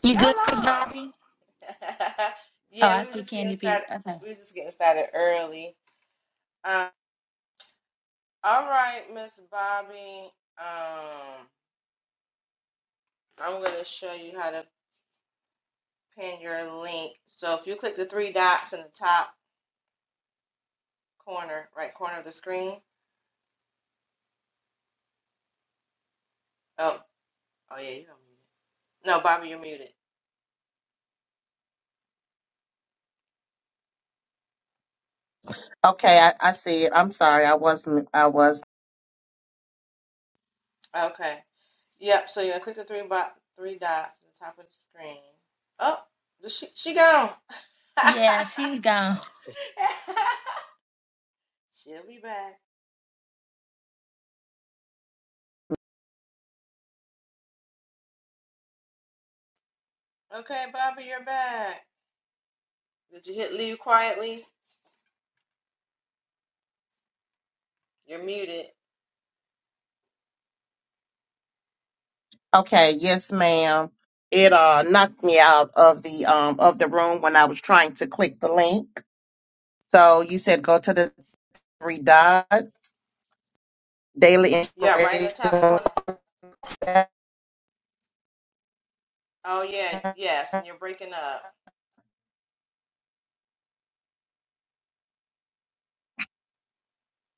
You Y'all good, Chris on. Bobby? Oh, yeah, I we were see just getting Candy P. started. Okay. We were just getting started early. Um, all right, Miss Bobby. Um, I'm gonna show you how to pin your link. So if you click the three dots in the top corner, right corner of the screen. Oh, oh yeah, you're muted. No, Bobby, you're muted. Okay, I, I see it. I'm sorry. I wasn't. I was. Okay. Yep. So you're gonna click the three bo- three dots in the top of the screen. Oh, she she gone. Yeah, she's gone. She'll be back. Okay, Bobby, you're back. Did you hit leave quietly? You're muted. Okay. Yes, ma'am. It uh knocked me out of the um of the room when I was trying to click the link. So you said go to the three dot daily Yeah, right in the top inspiration. corner. Oh yeah, yes, and you're breaking up.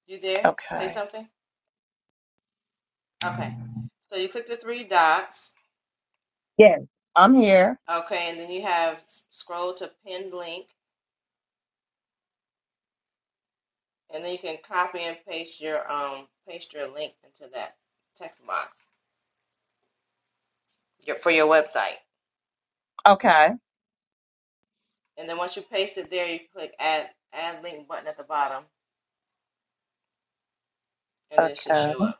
You there? Say Okay. something. Okay. So you click the three dots. Yes, I'm here. Okay, and then you have s- scroll to pinned link, and then you can copy and paste your um paste your link into that text box your, for your website. Okay. And then once you paste it there, you click add add link button at the bottom, and it should Okay. show up.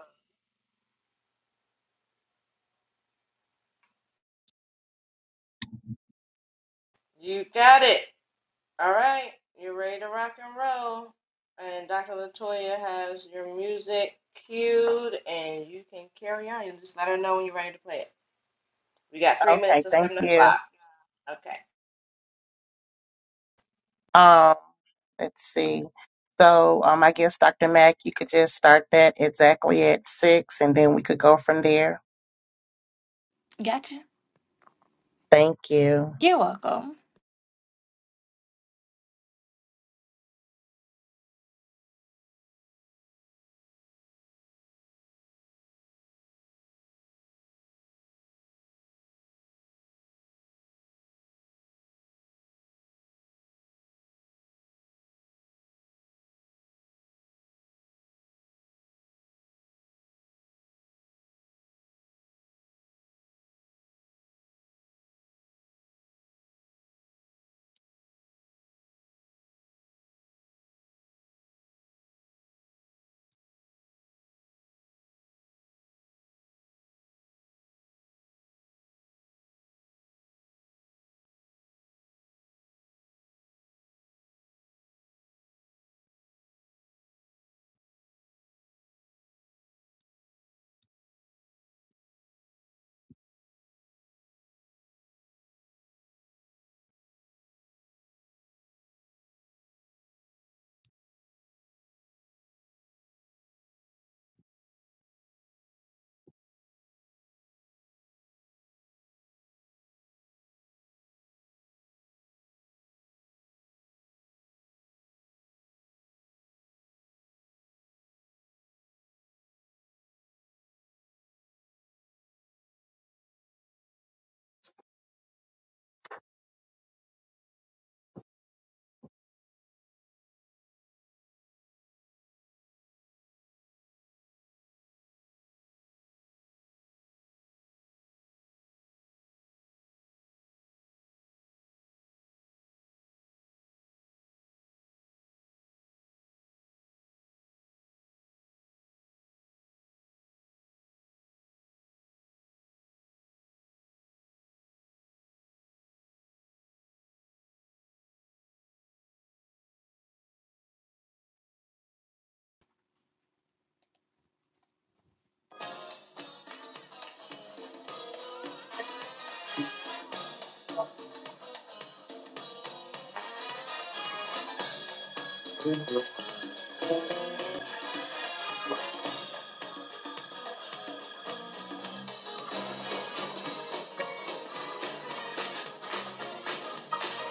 You got it. All right, you're ready to rock and roll. And Dr. Latoya has your music cued, and you can carry on. You just let her know when you're ready to play it. We got three minutes Okay. to Thank seven you. o'clock. Okay. Um, let's see. So um, I guess Dr. Mack, you could just start that exactly at six, and then we could go from there. Gotcha. Thank you. You're welcome.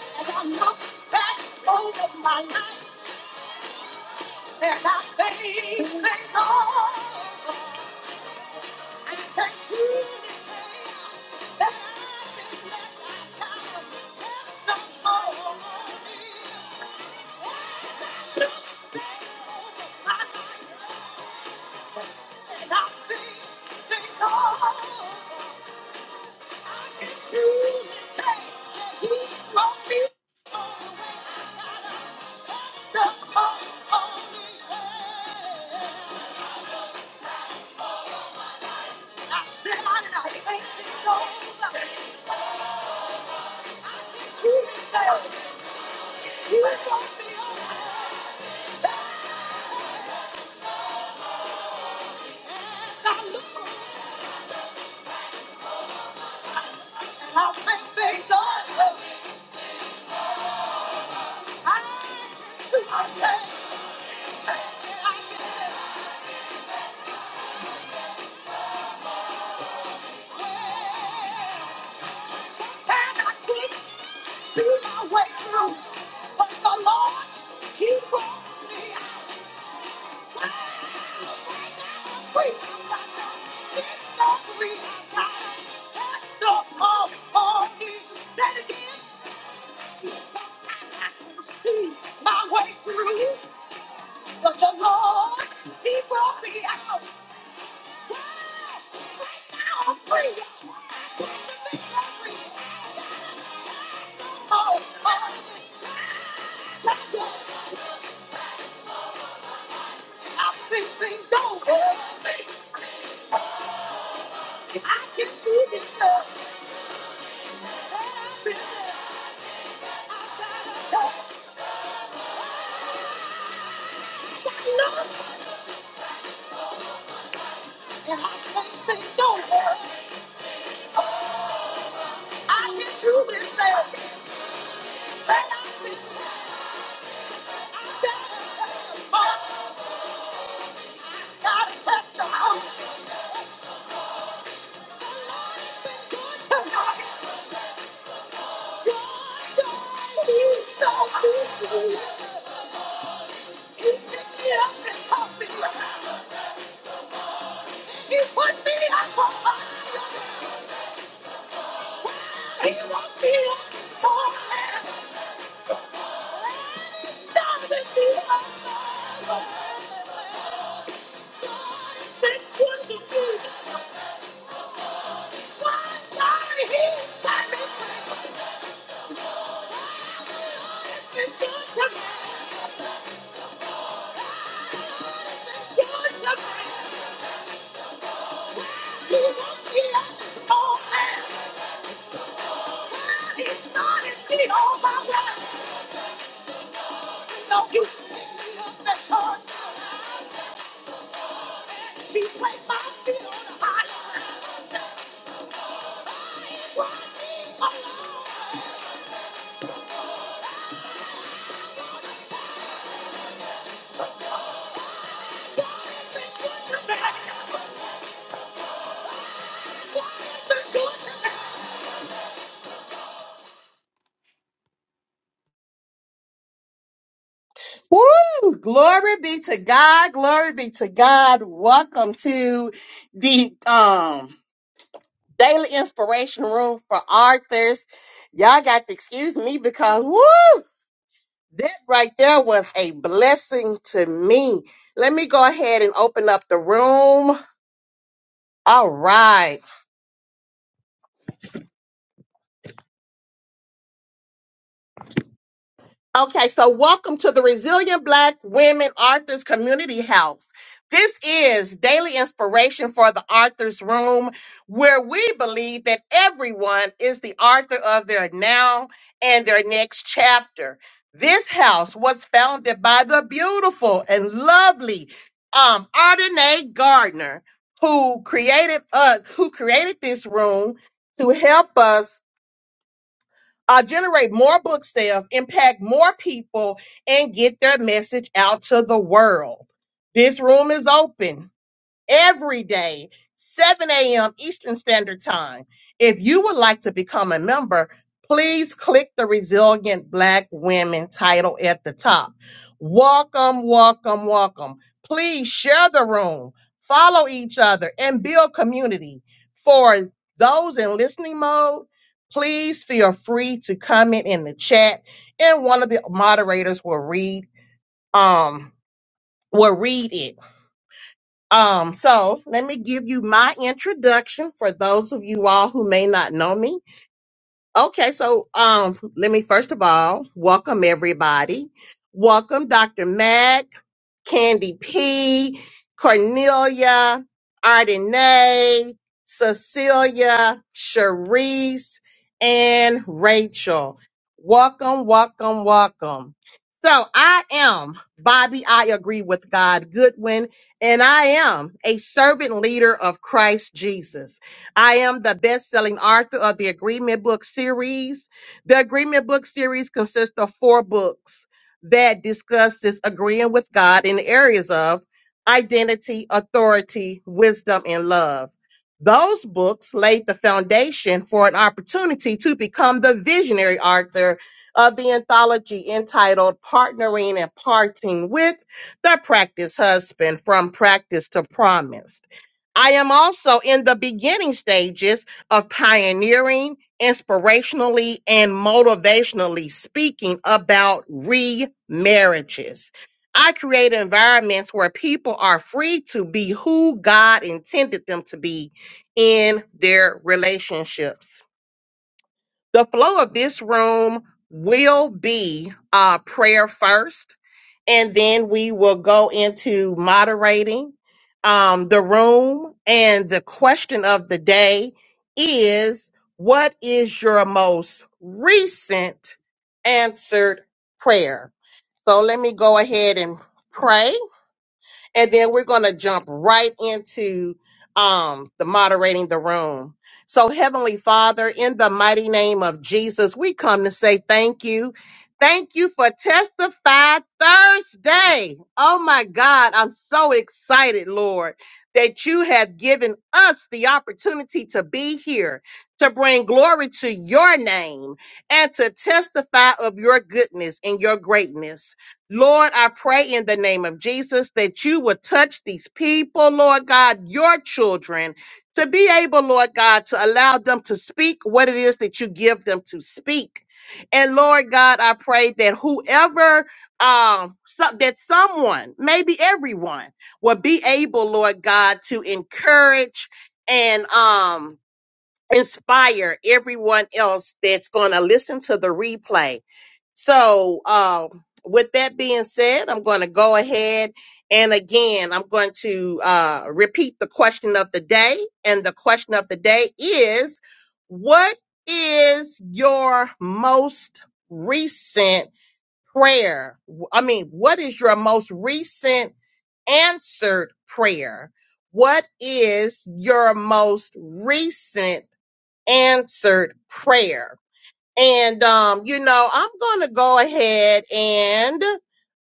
And I look back over my life and I thank the Lord. I can truly say that I've been blessed. I've got a testimony. My life and I thank the Lord. I can truly say that He brought me Sometimes I can not see my way through, but the Lord, He brought me out. Things over. I can do this. He put me up on fire. He woke me up this morning. You picked me. up and taught me. He placed my feet on the high ground. Why me alone? What the man? Why is it good to me? Woo! Glory be to God. Glory be to God. Welcome to the um daily inspiration room for authors. Y'all got to excuse me because woo! That right there was a blessing to me. Let me go ahead and open up the room. All right. Okay, so welcome to the Resilient Black Women Authors Community House. This is daily inspiration for the author's room, where we believe that everyone is the author of their now and their next chapter. This house was founded by the beautiful and lovely um, Ardenae Gardner, who created us, who created this room to help us uh, generate more book sales, impact more people, and get their message out to the world. This room is open every day, 7 a.m. Eastern Standard Time. If you would like to become a member, please click the Resilient Black Women title at the top. Welcome, welcome, welcome. Please share the room, follow each other, and build community. For those in listening mode, please feel free to comment in the chat, and one of the moderators will read um will read it. Um, so let me give you my introduction for those of you all who may not know me. Okay, so um, let me first of all welcome everybody. Welcome Dr. Mac, Candy P, Cornelia, Ardenay, Cecilia, Sharice, and Rachel. Welcome, welcome, welcome. So I am Bobby. I agree with God Goodwin, and I am a servant leader of Christ Jesus. I am the best selling author of the Agreement Book series. The Agreement Book series consists of four books that discusses agreeing with God in the areas of identity, authority, wisdom, and love. Those books laid the foundation for an opportunity to become the visionary author of the anthology entitled Partnering and Parting with the Practice Husband from Practice to Promise. I am also in the beginning stages of pioneering, inspirationally, and motivationally speaking about remarriages. I create environments where people are free to be who God intended them to be in their relationships. The flow of this room will be uh, prayer first and then we will go into moderating um, the room. And the question of the day is what is your most recent answered prayer? So let me go ahead and pray and then we're going to jump right into um the moderating the room. So heavenly Father, in the mighty name of Jesus, we come to say thank you. Thank you for Testify Thursday. Oh my God, I'm so excited, Lord, that you have given us the opportunity to be here, to bring glory to your name, and to testify of your goodness and your greatness. Lord, I pray in the name of Jesus that you would touch these people, Lord God, your children, to be able, Lord God, to allow them to speak what it is that you give them to speak. And Lord God, I pray that whoever, um, so, that someone, maybe everyone, will be able, Lord God, to encourage and, um, inspire everyone else that's going to listen to the replay. So, um, with that being said, I'm going to go ahead and again, I'm going to uh, repeat the question of the day. And the question of the day is What is your most recent prayer? I mean, what is your most recent answered prayer? What is your most recent answered prayer. And, um, you know, I'm going to go ahead and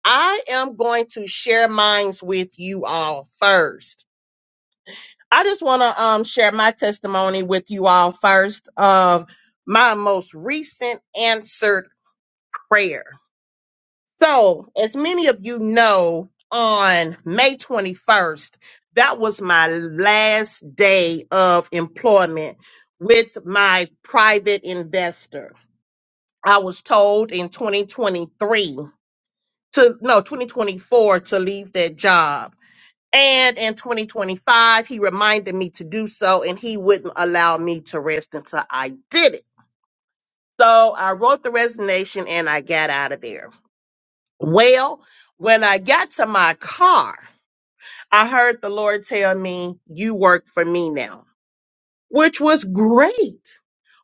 I am going to share mines with you all first. I just want to, um, share my testimony with you all first of my most recent answered prayer. So, as many of you know, on May 21st, that was my last day of employment with my private investor. I was told in 2023 to no 2024 to leave that job. And in 2025, he reminded me to do so and he wouldn't allow me to rest until I did it. So I wrote the resignation and I got out of there. Well, when I got to my car, I heard the Lord tell me, You work for me now. which was great.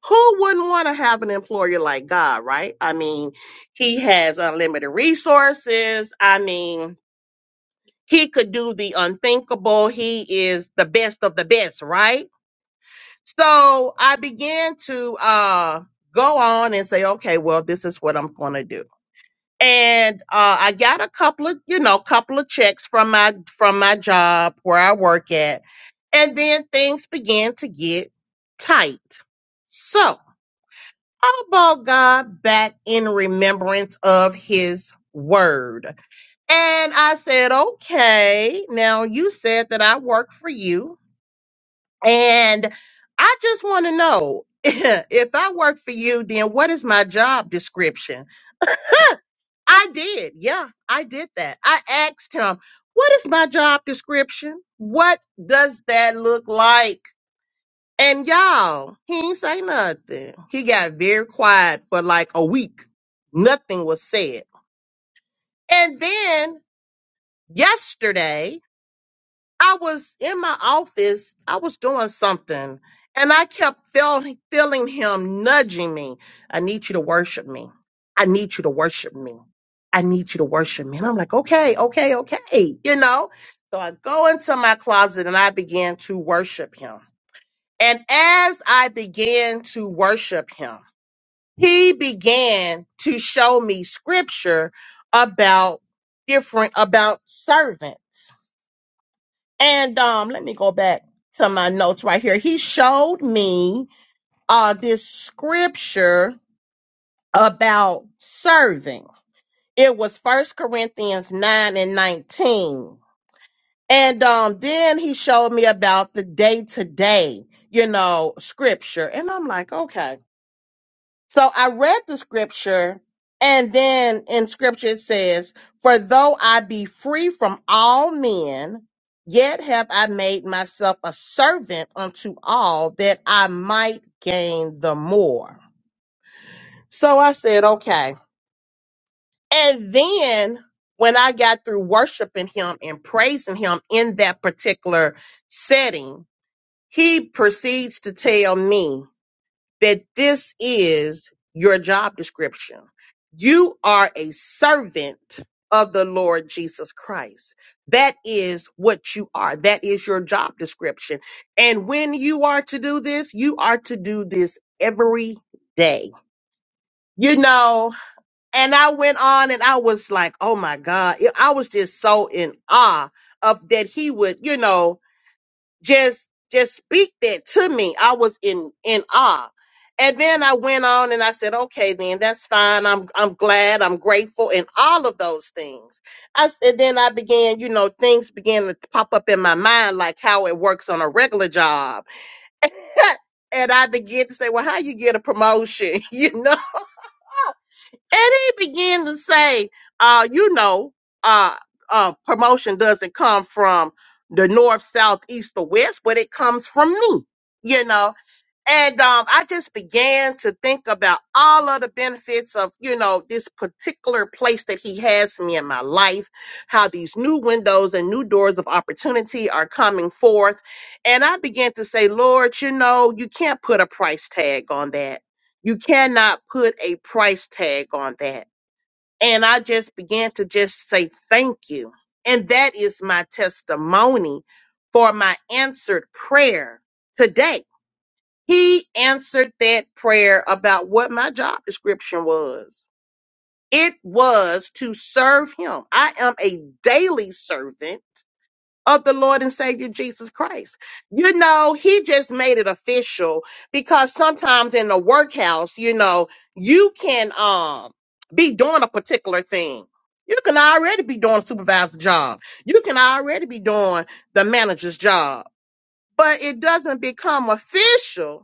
Who wouldn't want to have an employer like God, right? I mean, he has unlimited resources. I mean, he could do the unthinkable. He is the best of the best, right? So I began to uh, go on and say, okay, well, this is what I'm going to do and uh, I got a couple of you know couple of checks from my from my job where I work at, and then things began to get tight. So I brought God back in remembrance of His word, and I said, "Okay, now you said that I work for you, and I just want to know." if I work for you, then what is my job description? I did. Yeah, I did that. I asked him, what is my job description? What does that look like? And y'all, he ain't say nothing. He got very quiet for like a week. Nothing was said. And then yesterday, I was in my office, I was doing something, and I kept feel, feeling him nudging me. I need you to worship me. I need you to worship me. I need you to worship me. And I'm like, okay, okay, okay, you know? So I go into my closet and I began to worship him. And as I began to worship him, he began to show me scripture about different, about servants and um, let me go back to my notes right here. He showed me uh this scripture about serving. It was First Corinthians 9 and 19. And um, then he showed me about the day-to-day, you know, scripture. And I'm like, okay. So I read the scripture, and then in scripture it says, For though I be free from all men, yet have I made myself a servant unto all that I might gain the more. So I said, Okay. And then when I got through worshiping him and praising him in that particular setting, he proceeds to tell me that this is your job description. You are a servant of the Lord Jesus Christ. That is what you are. That is your job description. And when you are to do this, you are to do this every day. You know, and I went on and I was like, oh my God, I was just so in awe of that he would, you know, just just speak that to me. I was in in awe. And then I went on and I said, okay, then that's fine. I'm I'm glad, I'm grateful, and all of those things. I s- and then I began, you know, things began to pop up in my mind, like how it works on a regular job. and I began to say, well, how you get a promotion? you know? and he began to say, uh, you know, uh, uh, promotion doesn't come from the north, south, east, or west, but it comes from me, you know. And um, I just began to think about all of the benefits of, you know, this particular place that he has me in my life, how these new windows and new doors of opportunity are coming forth. And I began to say, Lord, you know, you can't put a price tag on that. You cannot put a price tag on that. And I just began to just say, thank you. And that is my testimony for my answered prayer today he answered that prayer about what my job description was. It was to serve him. I am a daily servant of the Lord and Savior Jesus Christ. You know, he just made it official because sometimes in the workhouse, you know, you can um be doing a particular thing. You can already be doing a supervisor's job. You can already be doing the manager's job, but it doesn't become official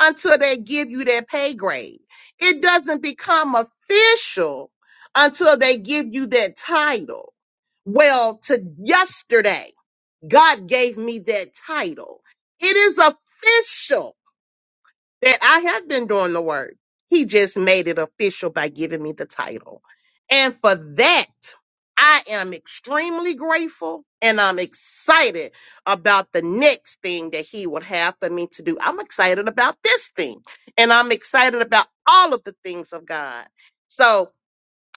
until they give you their pay grade. It doesn't become official until they give you that title. Well, to yesterday, God gave me that title. It is official that I have been doing the work. He just made it official by giving me the title. And for that, I am extremely grateful and I'm excited about the next thing that he would have for me to do. I'm excited about this thing and I'm excited about all of the things of God. So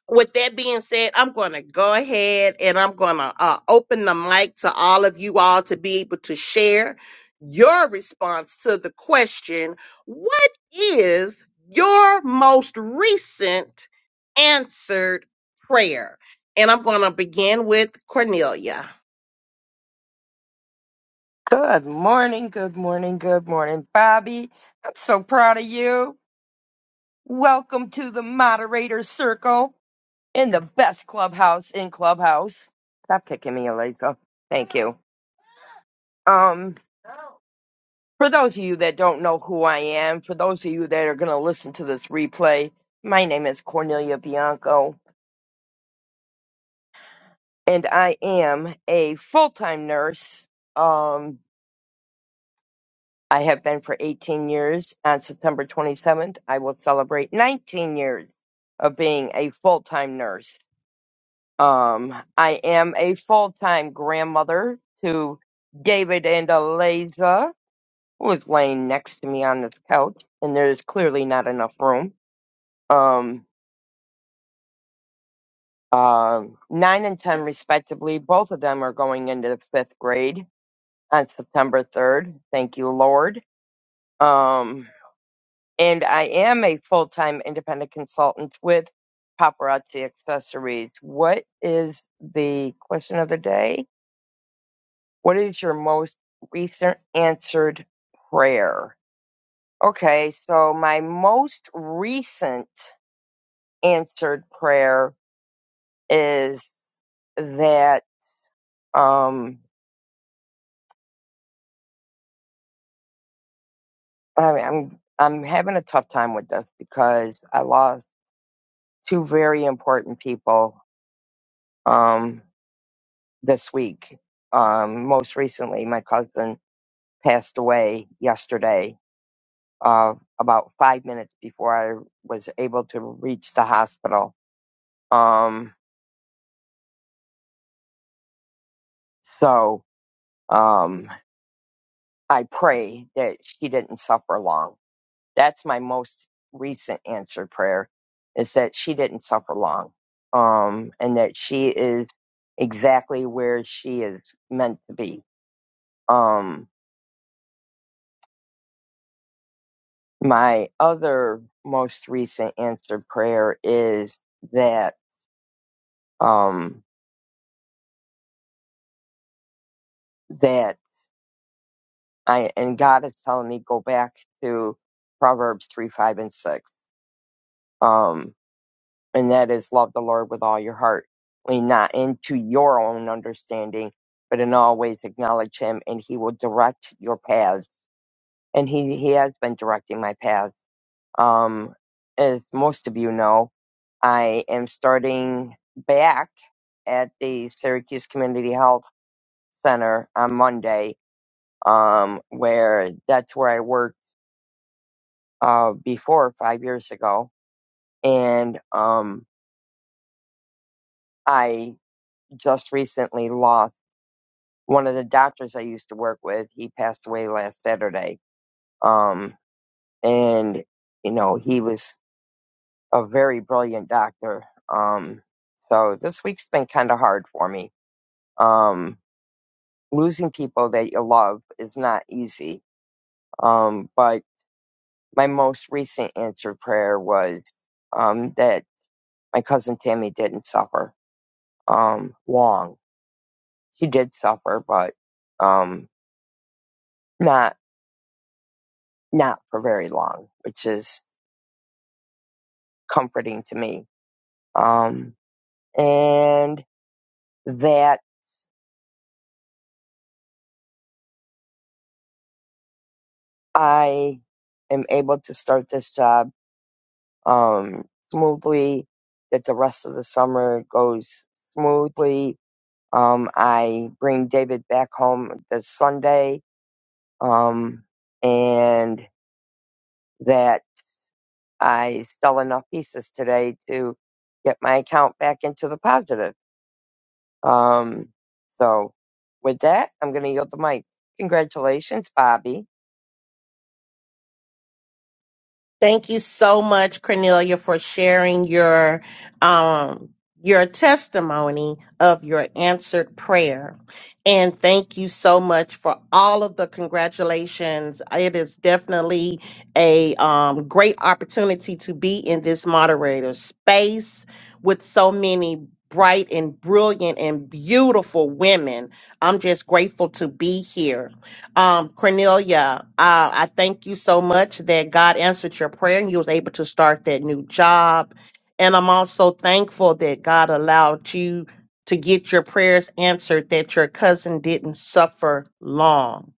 with that being said, I'm going to go ahead and I'm going to uh, open the mic to all of you all to be able to share your response to the question What is your most recent answered prayer? And I'm going to begin with Cornelia. Good morning, good morning, good morning, Bobby. I'm so proud of you. Welcome to the moderator circle in the best clubhouse in clubhouse. Stop kicking me, Elisa. Thank you. Um, for those of you that don't know who I am, for those of you that are going to listen to this replay, my name is Cornelia Bianco, and I am a full-time nurse. Um, I have been for 18 years. On September 27th, I will celebrate 19 years of being a full time nurse. Um, I am a full time grandmother to David and Eliza, who is laying next to me on this couch, and there's clearly not enough room. Um, um, nine and 10, respectively, both of them are going into fifth grade on September 3rd. Thank you, Lord. Um, and I am a full time independent consultant with Paparazzi Accessories. What is the question of the day? What is your most recent answered prayer? Okay, so my most recent answered prayer is that um, I mean, I'm I'm having a tough time with this because I lost two very important people. Um, this week. Um, most recently, my cousin passed away yesterday, uh, about five minutes before I was able to reach the hospital. Um, so um, I pray that she didn't suffer long. That's my most recent answered prayer is that she didn't suffer long um, and that she is exactly where she is meant to be. Um, my other most recent answered prayer is that um that I and God is telling me go back to Proverbs three, five, and six. Um and that is love the Lord with all your heart. Lean not into your own understanding, but in all ways acknowledge him and he will direct your paths. And he, he has been directing my paths Um, as most of you know, I am starting back at the Syracuse Community Health Center on Monday, um, where that's where I worked uh, before five years ago. And um, I just recently lost one of the doctors I used to work with. He passed away last Saturday. Um, and, you know, he was a very brilliant doctor. Um, so this week's been kind of hard for me. Um, losing people that you love is not easy. Um, but my most recent answered prayer was um, that my cousin Tammy didn't suffer um, long. She did suffer, but um, not not for very long, which is comforting to me. Um, and that I am able to start this job um, smoothly, that the rest of the summer goes smoothly. Um, I bring David back home this Sunday, um, and that I sell enough pieces today to get my account back into the positive. Um, so, with that, I'm going to yield the mic. Congratulations, Bobby. Thank you so much, Cornelia, for sharing your um, your testimony of your answered prayer. And thank you so much for all of the congratulations. It is definitely a um, great opportunity to be in this moderator space with so many bright and brilliant and beautiful women. I'm just grateful to be here. Um, Cornelia, uh, I thank you so much that God answered your prayer and you was able to start that new job. And I'm also thankful that God allowed you to get your prayers answered, that your cousin didn't suffer long.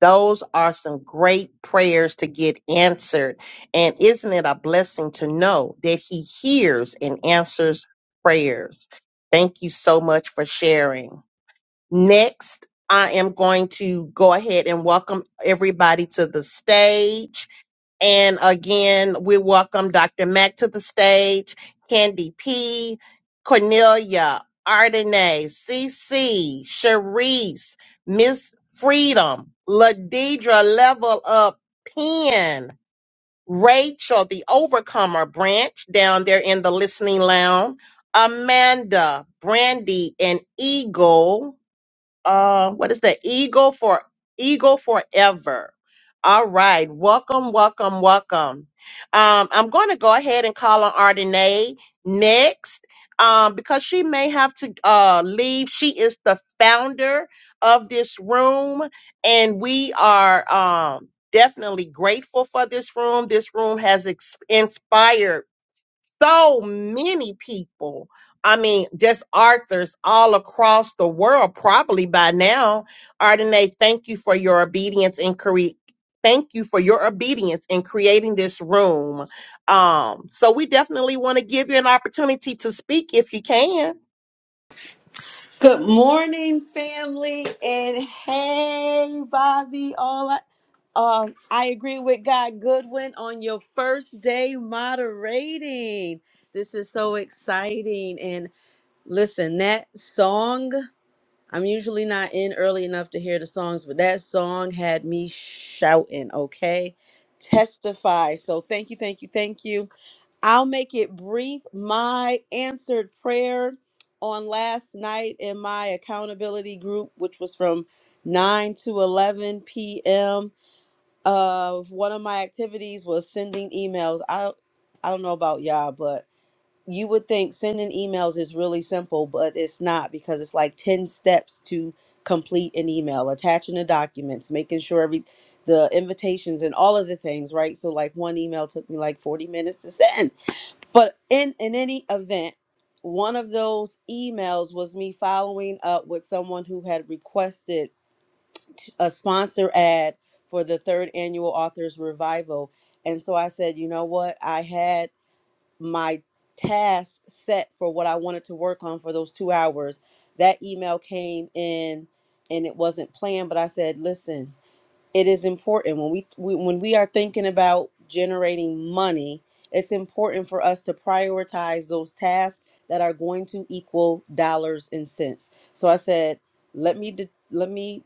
Those are some great prayers to get answered. And isn't it a blessing to know that He hears and answers prayers? Thank you so much for sharing. Next, I am going to go ahead and welcome everybody to the stage. And again, we welcome Dr. Mack to the stage, Candy P, Cornelia, Ardenay, CC, Sharice, Miss Freedom, Ladidra, Level Up, Pen, Rachel, the Overcomer branch down there in the listening lounge, Amanda, Brandy, and Eagle uh what is the eagle for eagle forever all right welcome welcome welcome um i'm going to go ahead and call on Ardenae next um because she may have to uh leave she is the founder of this room and we are um definitely grateful for this room this room has ex- inspired so many people. I mean, just authors all across the world, probably by now. Ardenae, thank you for your obedience in cre- thank you for your obedience in creating this room. Um, so we definitely want to give you an opportunity to speak if you can. Good morning, family, and hey, Bobby. All I, um, I agree with God Goodwin on your first day moderating. This is so exciting. And listen, that song, I'm usually not in early enough to hear the songs, but that song had me shouting, okay? Testify. So thank you, thank you, thank you. I'll make it brief. My answered prayer on last night in my accountability group, which was from 9 to 11 p.m. Of one of my activities was sending emails. I I don't know about y'all, but you would think sending emails is really simple, but it's not because it's like 10 steps to complete an email, attaching the documents, making sure every the invitations and all of the things, right? So like one email took me like 40 minutes to send but in in any event, one of those emails was me following up with someone who had requested t- a sponsor ad for the third annual authors revival. And so I said, you know what? I had my task set for what I wanted to work on for those two hours. That email came in and it wasn't planned, but I said, listen, it is important when we, we when we are thinking about generating money it's important for us to prioritize those tasks that are going to equal dollars and cents so i said let me de- let me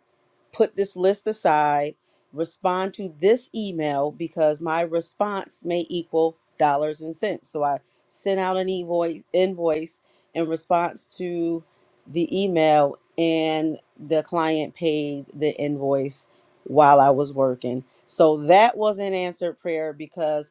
put this list aside respond to this email because my response may equal dollars and cents so i sent out an invoice invoice in response to the email and the client paid the invoice while I was working. So that was an answered prayer because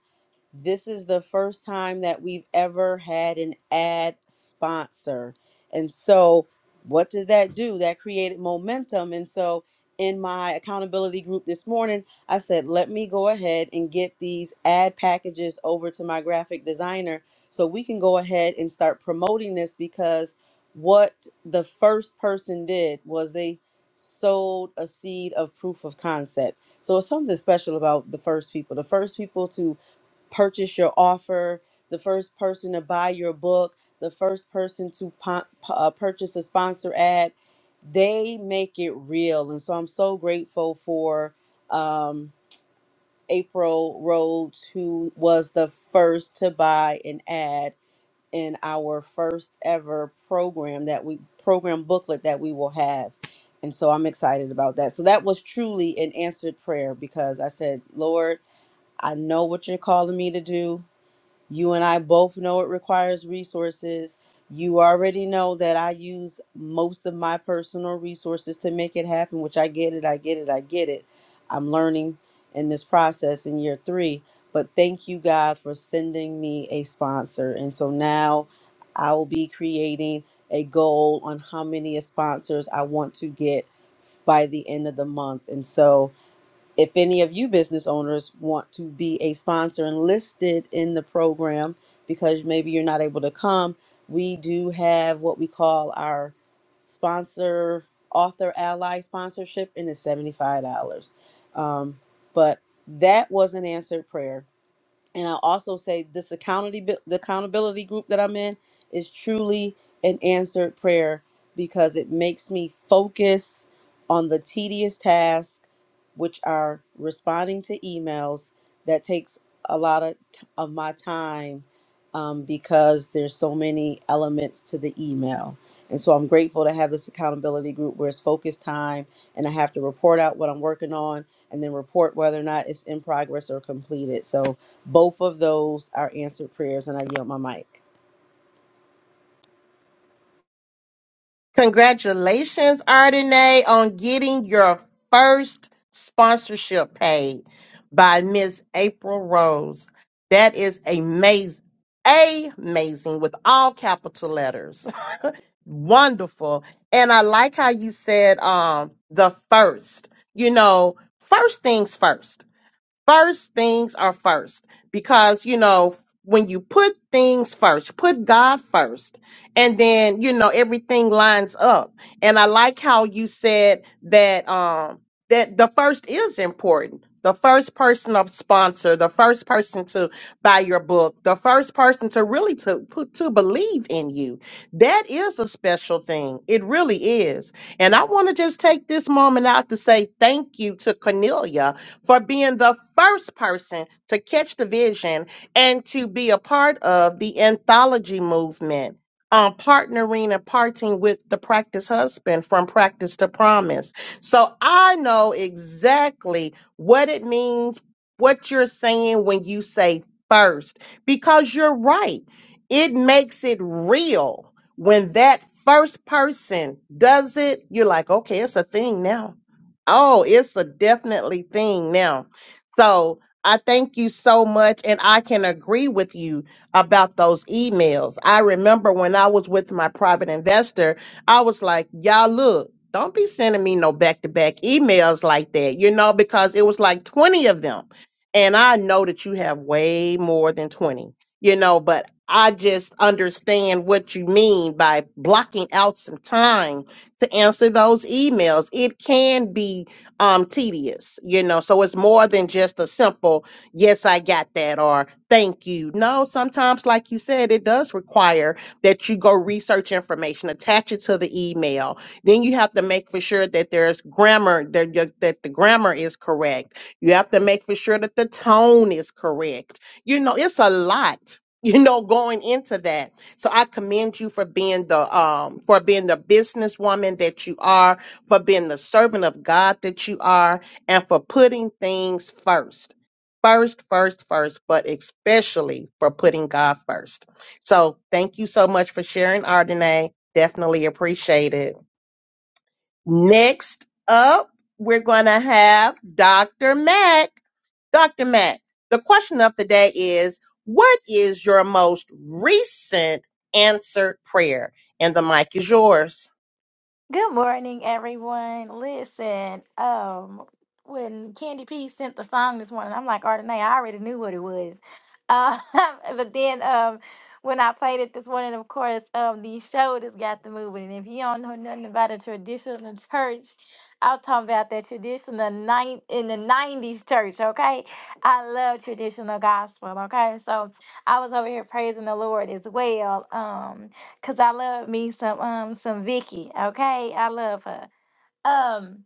this is the first time that we've ever had an ad sponsor. And so, what did that do? That created momentum. And so, in my accountability group this morning, I said, let me go ahead and get these ad packages over to my graphic designer so we can go ahead and start promoting this because what the first person did was they sowed a seed of proof of concept. So it's something special about the first people. The first people to purchase your offer, the first person to buy your book, the first person to po- pu- uh, purchase a sponsor ad. They make it real. And so I'm so grateful for um, April Rhodes, who was the first to buy an ad in our first ever program that we program booklet that we will have. And so I'm excited about that. So that was truly an answered prayer because I said, Lord, I know what you're calling me to do. You and I both know it requires resources. You already know that I use most of my personal resources to make it happen, which I get it, I get it, I get it. I'm learning in this process in year three. But thank you, God, for sending me a sponsor. And so now I will be creating a goal on how many sponsors I want to get by the end of the month. And so if any of you business owners want to be a sponsor and listed in the program because maybe you're not able to come, we do have what we call our sponsor author ally sponsorship and it's $75. Um, but that was an answered prayer and I'll also say this accountability the accountability group that I'm in is truly an answered prayer because it makes me focus on the tedious tasks, which are responding to emails. That takes a lot of t- of my time um, because there's so many elements to the email and so I'm grateful to have this accountability group where it's focused time and I have to report out what I'm working on and then report whether or not it's in progress or completed. So both of those are answered prayers and I yield my mic. Congratulations, Ardenae, on getting your first sponsorship paid by Miss April Rose. That is amazing. Amazing with all capital letters. Wonderful. And I like how you said um the first. You know, first things first first things are first because you know when you put things first put god first and then you know everything lines up and i like how you said that um that the first is important the first person to sponsor the first person to buy your book the first person to really to put to believe in you that is a special thing it really is and i want to just take this moment out to say thank you to cornelia for being the first person to catch the vision and to be a part of the anthology movement. Um, partnering and parting with the practice husband from practice to promise. So I know exactly what it means, what you're saying when you say first, because you're right. It makes it real when that first person does it, you're like, okay, it's a thing now Oh, it's a definitely thing now. So I thank you so much. And I can agree with you about those emails. I remember when I was with my private investor, I was like, y'all, look, don't be sending me no back to back emails like that, you know, because it was like 20 of them. And I know that you have way more than 20, you know, but I just understand what you mean by blocking out some time to answer those emails. It can be um, tedious, you know, so it's more than just a simple, yes, I got that, or thank you. No, sometimes, like you said, it does require that you go research information, attach it to the email. Then you have to make for sure that there's grammar, that, your- that the grammar is correct. You have to make for sure that the tone is correct. You know, it's a lot, you know, going into that. So I commend you for being the um for being the businesswoman that you are, for being the servant of God that you are, and for putting things first. First, first, first, but especially for putting God first. So thank you so much for sharing, Ardenae. Definitely appreciate it. Next up, we're going to have Dr. Mack. Dr. Mack, the question of the day is What is your most recent answered prayer? And the mic is yours. Good morning, everyone. Listen, um, when Candy P sent the song this morning, I'm like, Ardenay, I already knew what it was. Uh, but then um, when I played it this morning, of course, um, the shoulders got the moving. And if you don't know nothing about a traditional church, I'm talking about that traditional nine in the '90s church. Okay, I love traditional gospel. Okay, so I was over here praising the Lord as well. Um Cause I love me some um some Vicky. Okay, I love her. Um,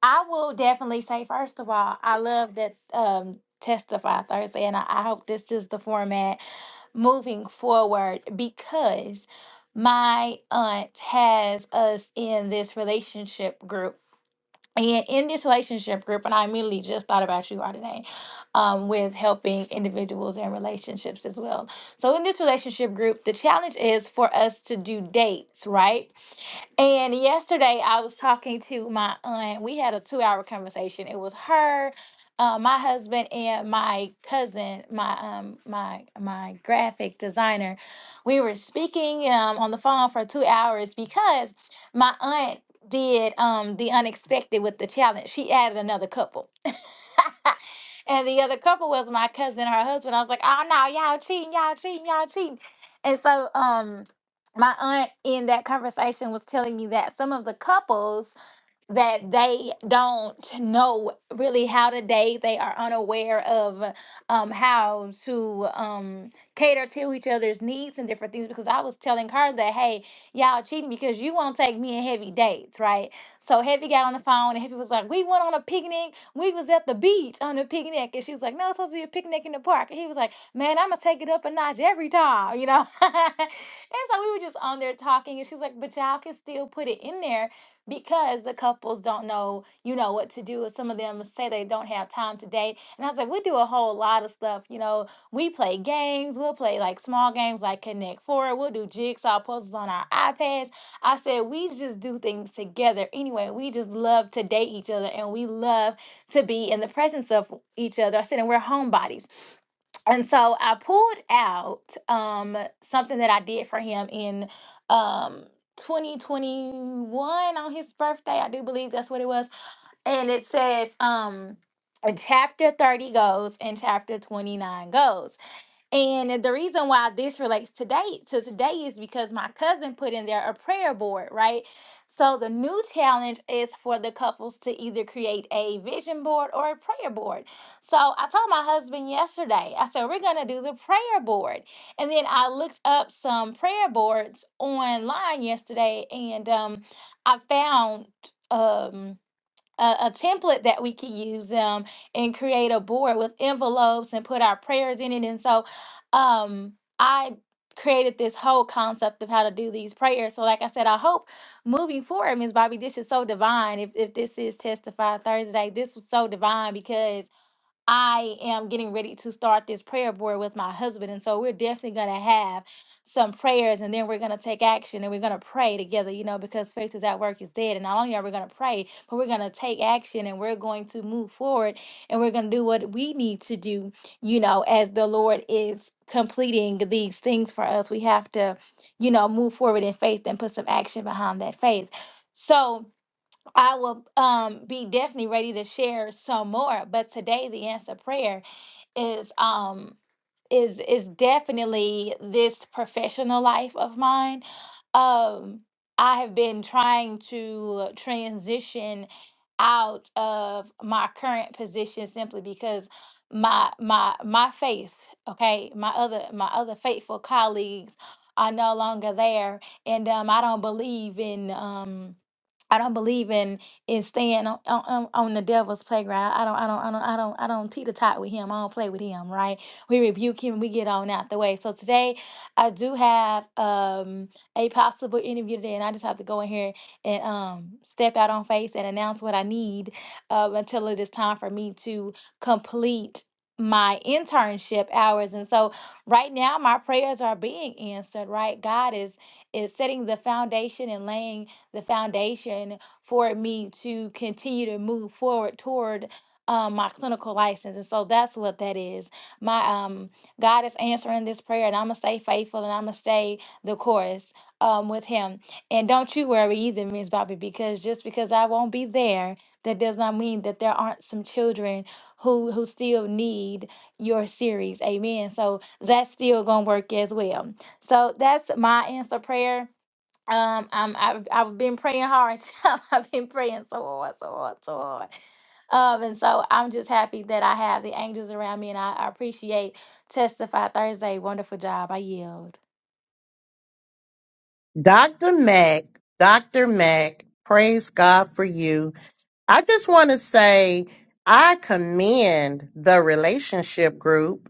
I will definitely say first of all, I love that um testify Thursday, and I, I hope this is the format moving forward because my aunt has us in this relationship group and in this relationship group, and I immediately just thought about you all today, um, with helping individuals and relationships as well. So in this relationship group, the challenge is for us to do dates, right? And yesterday I was talking to my aunt. We had a two hour conversation. It was her, uh, my husband, and my cousin, my um my my graphic designer. We were speaking um on the phone for two hours because my aunt did um the unexpected with the challenge. She added another couple. And the other couple was my cousin and her husband. I was like, oh no, y'all cheating, y'all cheating, y'all cheating. And so um my aunt in that conversation was telling me that some of the couples that they don't know really how to date. They are unaware of um, how to um, cater to each other's needs and different things. Because I was telling her that, hey, y'all cheating because you won't take me and Heavy dates, right? So Heavy got on the phone and Heavy was like, we went on a picnic. We was at the beach on a picnic. And she was like, no, it's supposed to be a picnic in the park. And he was like, man, I'm going to take it up a notch every time, you know? and so we were just on there talking. And she was like, but y'all can still put it in there because the couples don't know, you know, what to do. Some of them say they don't have time to date. And I was like, we do a whole lot of stuff. You know, we play games. We'll play like small games like Connect Four. We'll do jigsaw puzzles on our iPads. I said, we just do things together. Anyway, we just love to date each other and we love to be in the presence of each other. I said, and we're homebodies and so I pulled out um something that I did for him in um 2021 on his birthday. I do believe that's what it was. And it says um chapter 30 goes and chapter 29 goes. And the reason why this relates today to today is because my cousin put in there a prayer board, right? So the new challenge is for the couples to either create a vision board or a prayer board. So I told my husband yesterday, I said, we're gonna do the prayer board. And then I looked up some prayer boards online yesterday and um I found um a, a template that we can use um, and create a board with envelopes and put our prayers in it. And so um, I created this whole concept of how to do these prayers. So like I said, I hope moving forward, Ms. Bobby, this is so divine. If, if this is Testify Thursday, this was so divine because I am getting ready to start this prayer board with my husband. And so we're definitely going to have some prayers and then we're going to take action and we're going to pray together, you know, because faith is at work is dead. And not only are we going to pray, but we're going to take action and we're going to move forward and we're going to do what we need to do, you know, as the Lord is completing these things for us. We have to, you know, move forward in faith and put some action behind that faith. So, I will um be definitely ready to share some more, but today the answer prayer is um is is definitely this professional life of mine. Um I have been trying to transition out of my current position simply because my my my faith, okay, my other my other faithful colleagues are no longer there and um I don't believe in um I don't believe in in staying on, on, on on the devil's playground. I don't I don't I don't I don't I don't teeter tot with him. I don't play with him, right? We rebuke him, we get on out the way. So today I do have um a possible interview today and I just have to go in here and um step out on faith and announce what I need Uh, until it is time for me to complete my internship hours and so right now my prayers are being answered right god is is setting the foundation and laying the foundation for me to continue to move forward toward um, my clinical license. And so that's what that is. My um, God is answering this prayer, and I'm gonna stay faithful and I'm gonna stay the course um, with Him. And don't you worry either, Miss Bobby, because just because I won't be there, that does not mean that there aren't some children who who still need your series. Amen. So that's still gonna work as well. So that's my answer prayer um, I'm I've I've been praying hard. child. I've been praying so hard, so hard, so hard. Um, and so I'm just happy that I have the angels around me, and I, I appreciate Testify Thursday. Wonderful job. I yield. Dr. Mack, Dr. Mack, praise God for you. I just want to say I commend the relationship group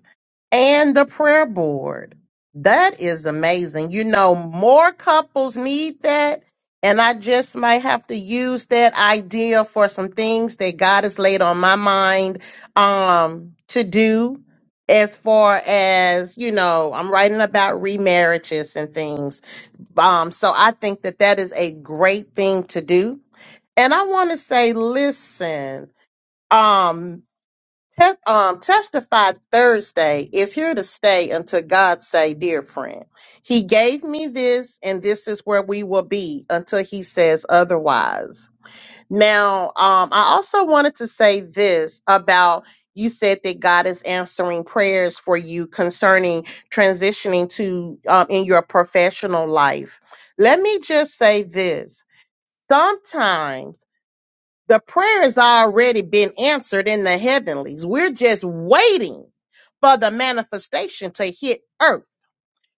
and the prayer board. That is amazing. You know, more couples need that. And I just might have to use that idea for some things that God has laid on my mind um, to do as far as, you know, I'm writing about remarriages and things. Um, so I think that that is a great thing to do and I want to say, listen, um, te- um, testify Thursday is here to stay until God say, dear friend, he gave me this and this is where we will be until he says otherwise. Now, um, I also wanted to say this about you said that God is answering prayers for you concerning transitioning to um, in your professional life. Let me just say this. Sometimes the prayer has already been answered in the heavenlies. We're just waiting for the manifestation to hit earth.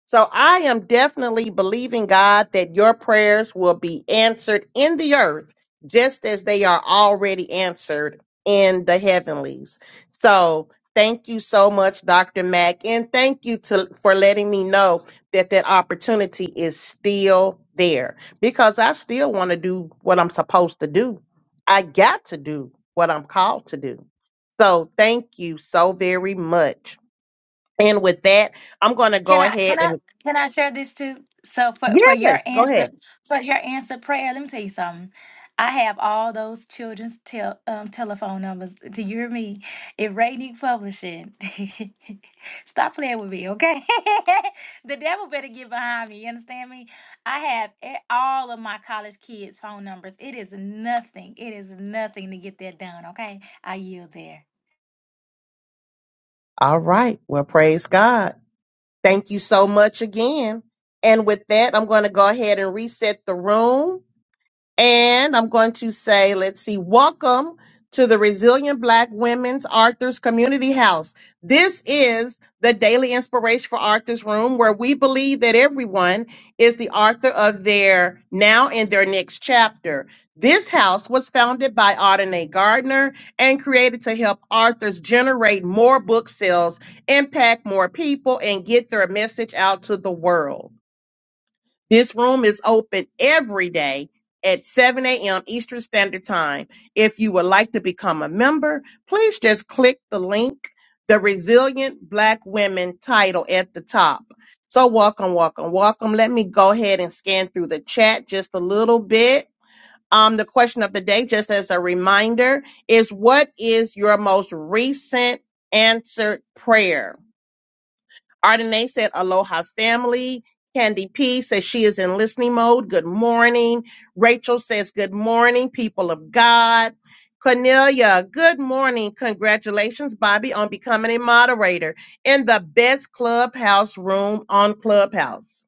So I am definitely believing God that your prayers will be answered in the earth just as they are already answered in the heavenlies. So thank you so much, Dr. Mack, and thank you to, for letting me know that that opportunity is still there because I still want to do what I'm supposed to do. I got to do what I'm called to do. So thank you so very much. And with that, I'm going to Can go I ahead can and I can I share this too? So for for Yes, your go ahead. answer for your answer prayer, let me tell you something. I have all those children's tel- um, telephone numbers. Do you hear me? If Rainy Publishing, stop playing with me, okay? the devil better get behind me. You understand me? I have e- all of my college kids' phone numbers. It is nothing. It is nothing to get that done, okay? I yield there. All right. Well, praise God. Thank you so much again. And with that, I'm going to go ahead and reset the room. And I'm going to say, let's see, welcome to the Resilient Black Women's Arthur's Community House. This is the daily inspiration for Arthur's Room, where we believe that everyone is the author of their now and their next chapter. This house was founded by Audine Gardner and created to help authors generate more book sales, impact more people, and get their message out to the world. This room is open every day at 7 a.m. Eastern Standard Time. If you would like to become a member, please just click the link, the Resilient Black Women title at the top. So, welcome, welcome, welcome. Let me go ahead and scan through the chat just a little bit. Um, the question of the day, just as a reminder, is what is your most recent answered prayer? Ardenae said, Aloha family. Candy P says she is in listening mode. Good morning. Rachel says, Good morning, people of God. Cornelia, good morning. Congratulations, Bobby, on becoming a moderator in the best clubhouse room on Clubhouse.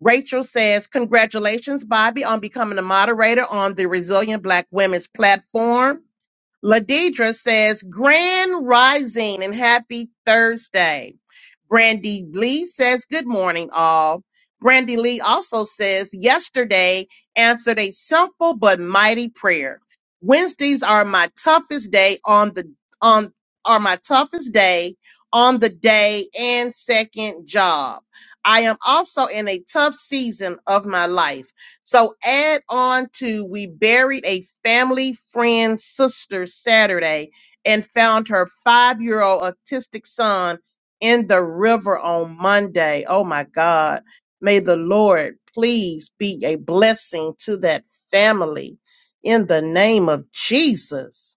Rachel says, Congratulations, Bobby, on becoming a moderator on the Resilient Black Women's platform. Ladidra says, Grand Rising and happy Thursday. Brandy Lee says, Good morning, all. Brandy Lee also says, Yesterday answered a simple but mighty prayer. Wednesdays are my toughest day on the on are my toughest day on the day and second job. I am also in a tough season of my life. So add on to we buried a family friend sister Saturday and found her five year old autistic son in the river on Monday. Oh my God. May the Lord please be a blessing to that family in the name of Jesus.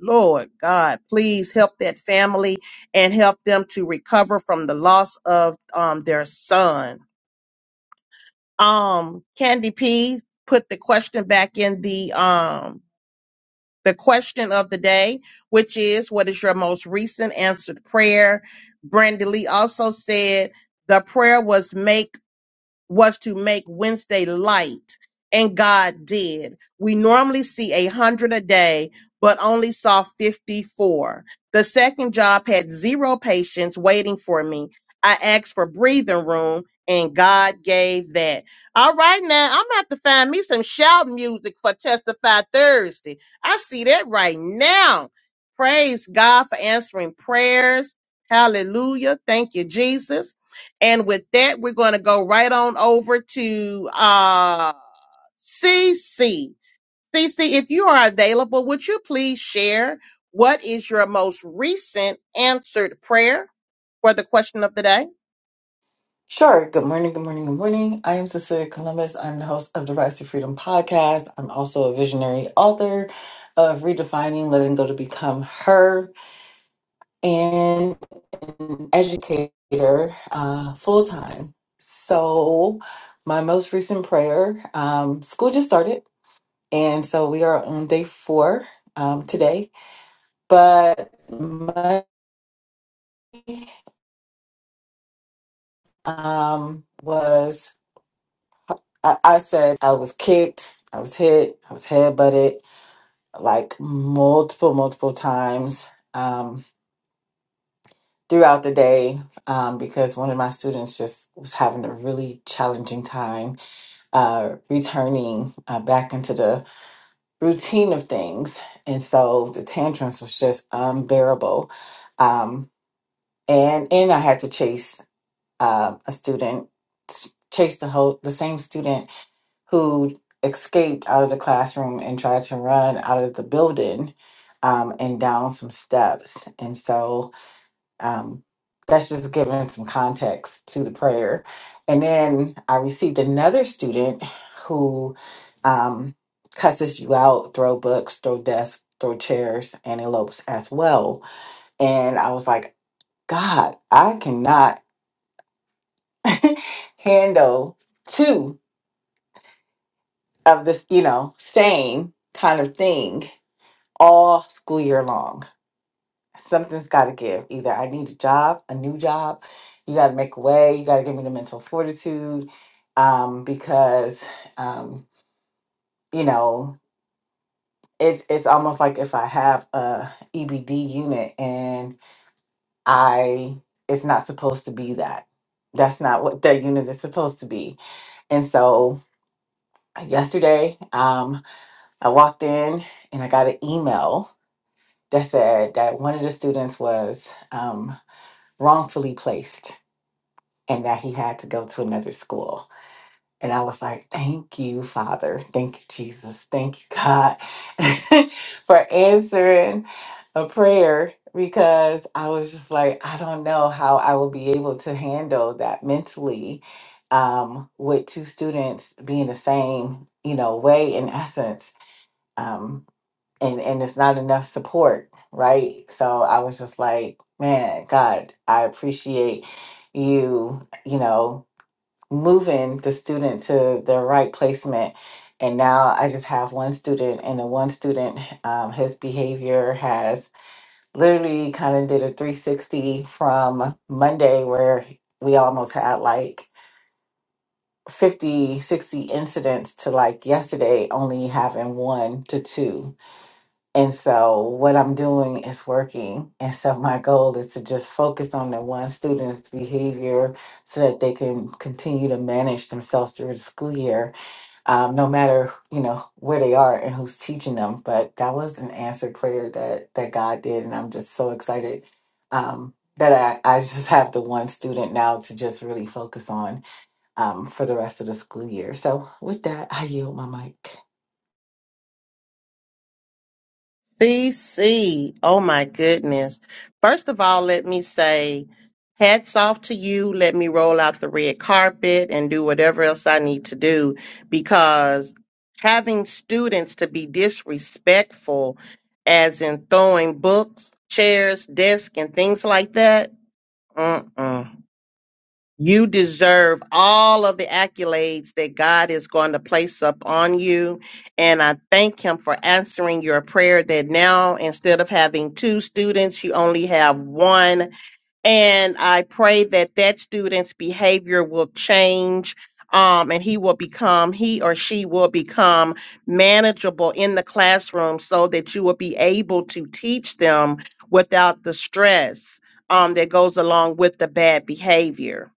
Lord God, please help that family and help them to recover from the loss of um, their son um Candy P put the question back in the um the question of the day, which is what is your most recent answered prayer? Brenda Lee also said the prayer was make was to make Wednesday light, and God did. We normally see a hundred a day, but only saw 54. The second job had zero patients waiting for me. I asked for breathing room, and God gave that. All right, now I'm gonna have to find me some shout music for Testify Thursday. I see that right now. Praise God for answering prayers. Hallelujah. Thank you, Jesus. And with that, we're going to go right on over to uh, CC. CC, if you are available, would you please share what is your most recent answered prayer for the question of the day? Sure. Good morning. Good morning. Good morning. I am Cecilia Columbus. I'm the host of the Rise to Freedom podcast. I'm also a visionary author of Redefining Letting Go to Become Her and an educator uh, full time. So, my most recent prayer um, school just started. And so we are on day four um, today. But my um, was I, I said I was kicked, I was hit, I was headbutted like multiple, multiple times um, throughout the day um, because one of my students just was having a really challenging time uh, returning uh, back into the routine of things. And so the tantrums was just unbearable. Um, and, and I had to chase uh, a student, chase the whole, the same student who escaped out of the classroom and tried to run out of the building um, and down some steps. And so um, that's just giving some context to the prayer. And then I received another student who um, cusses you out, throw books, throw desks, throw chairs, and elopes as well. And I was like, God, I cannot handle two of this, you know, same kind of thing all school year long. Something's got to give. Either I need a job, a new job. You got to make a way. You got to give me the mental fortitude, um, because um, you know it's it's almost like if I have a EBD unit and I it's not supposed to be that. That's not what that unit is supposed to be. And so yesterday, um, I walked in and I got an email that said that one of the students was um, wrongfully placed and that he had to go to another school. And I was like, thank you, Father. Thank you, Jesus. Thank you, God, for answering a prayer because I was just like, I don't know how I will be able to handle that mentally um, with two students being the same, you know, way in essence. Um, and and it's not enough support right so i was just like man god i appreciate you you know moving the student to the right placement and now i just have one student and the one student um, his behavior has literally kind of did a 360 from monday where we almost had like 50, 60 incidents to like yesterday only having one to two and so what I'm doing is working. And so my goal is to just focus on the one student's behavior so that they can continue to manage themselves through the school year, um, no matter, you know, where they are and who's teaching them. But that was an answered prayer that, that God did. And I'm just so excited um, that I, I just have the one student now to just really focus on um, for the rest of the school year. So with that, I yield my mic. BC, oh my goodness. First of all, let me say hats off to you. Let me roll out the red carpet and do whatever else I need to do because having students to be disrespectful, as in throwing books, chairs, desks, and things like that. Mm-mm. You deserve all of the accolades that God is going to place upon you. And I thank Him for answering your prayer that now, instead of having two students, you only have one. And I pray that that student's behavior will change. Um, and he will become, he or she will become manageable in the classroom so that you will be able to teach them without the stress um, that goes along with the bad behavior.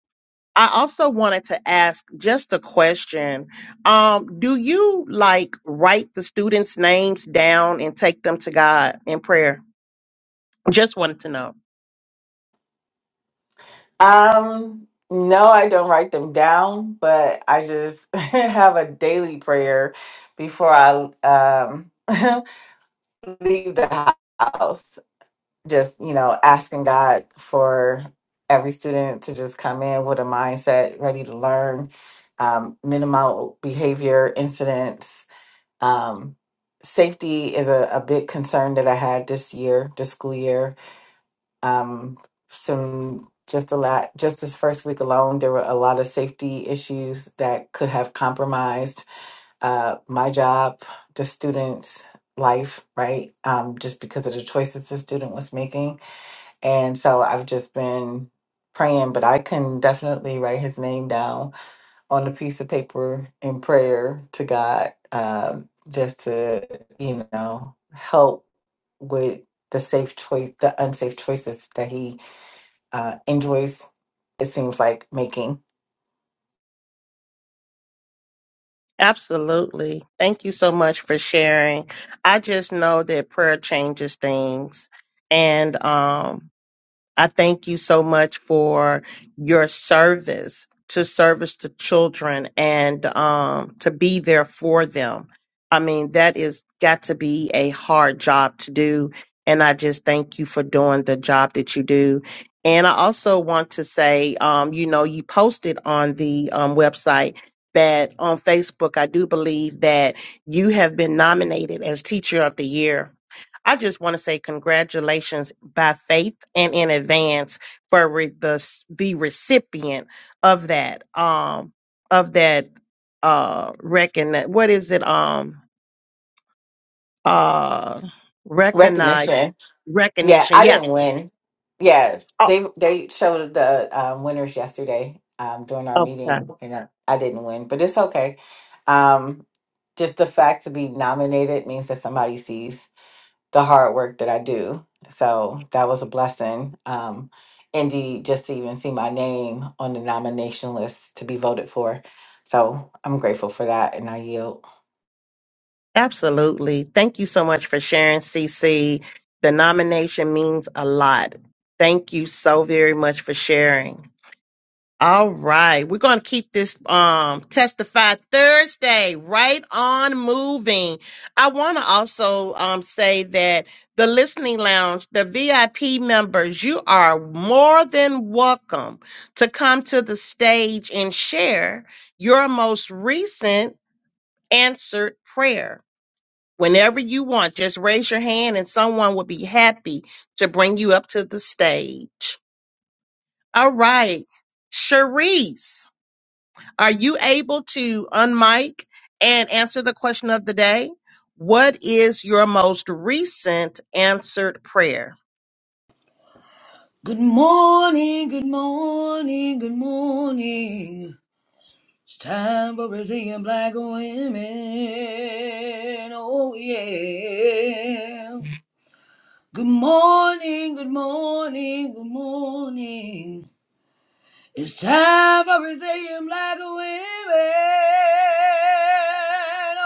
I also wanted to ask just a question. Um, do you like write the students' names down and take them to God in prayer? Just wanted to know. Um, no, I don't write them down, but I just have a daily prayer before I um leave the house. Just, you know, asking God for every student to just come in with a mindset ready to learn, um, minimal behavior incidents. Um, safety is a, a big concern that I had this year, this school year um, some just a lot just this first week alone there were a lot of safety issues that could have compromised uh, my job the students life right um, just because of the choices the student was making and so i've just been praying but i can definitely write his name down on a piece of paper in prayer to god um, just to you know help with the safe choice the unsafe choices that he uh, enjoys, it seems like, making Absolutely. Thank you so much for sharing. I just know that prayer changes things. And um I thank you so much for your service to service the children and um, to be there for them. I mean, that is got to be a hard job to do. And I just thank you for doing the job that you do. And I also want to say, um, you know, you posted on the um, website that on Facebook, I do believe that you have been nominated as Teacher of the Year I just want to say congratulations by faith and in advance for re- the s- the recipient of that um of that uh recogn what is it um uh recognize recognition. Yeah, recognition I yeah didn't win. Yeah, oh they they showed the um, winners yesterday um, during our okay meeting, and I, I didn't win, but it's okay. Um, just the fact to be nominated means that somebody sees the hard work that I do. So that was a blessing. Um, indeed, just to even see my name on the nomination list to be voted for. So I'm grateful for that, and I yield. absolutely thank you so much for sharing CC the nomination means a lot thank you so very much for sharing All right. We're going to keep this um testify Thursday right on moving. I want to also um say that the listening lounge, the VIP members, you are more than welcome to come to the stage and share your most recent answered prayer. Whenever you want, just raise your hand and someone will be happy to bring you up to the stage. All right. Cherise. Are you able to unmic and answer the question of the day? What is your most recent answered prayer? Good morning, good morning, good morning. It's time for Brazilian black women. Oh, yeah. Good morning, good morning, good morning. It's time for Brazilian black women.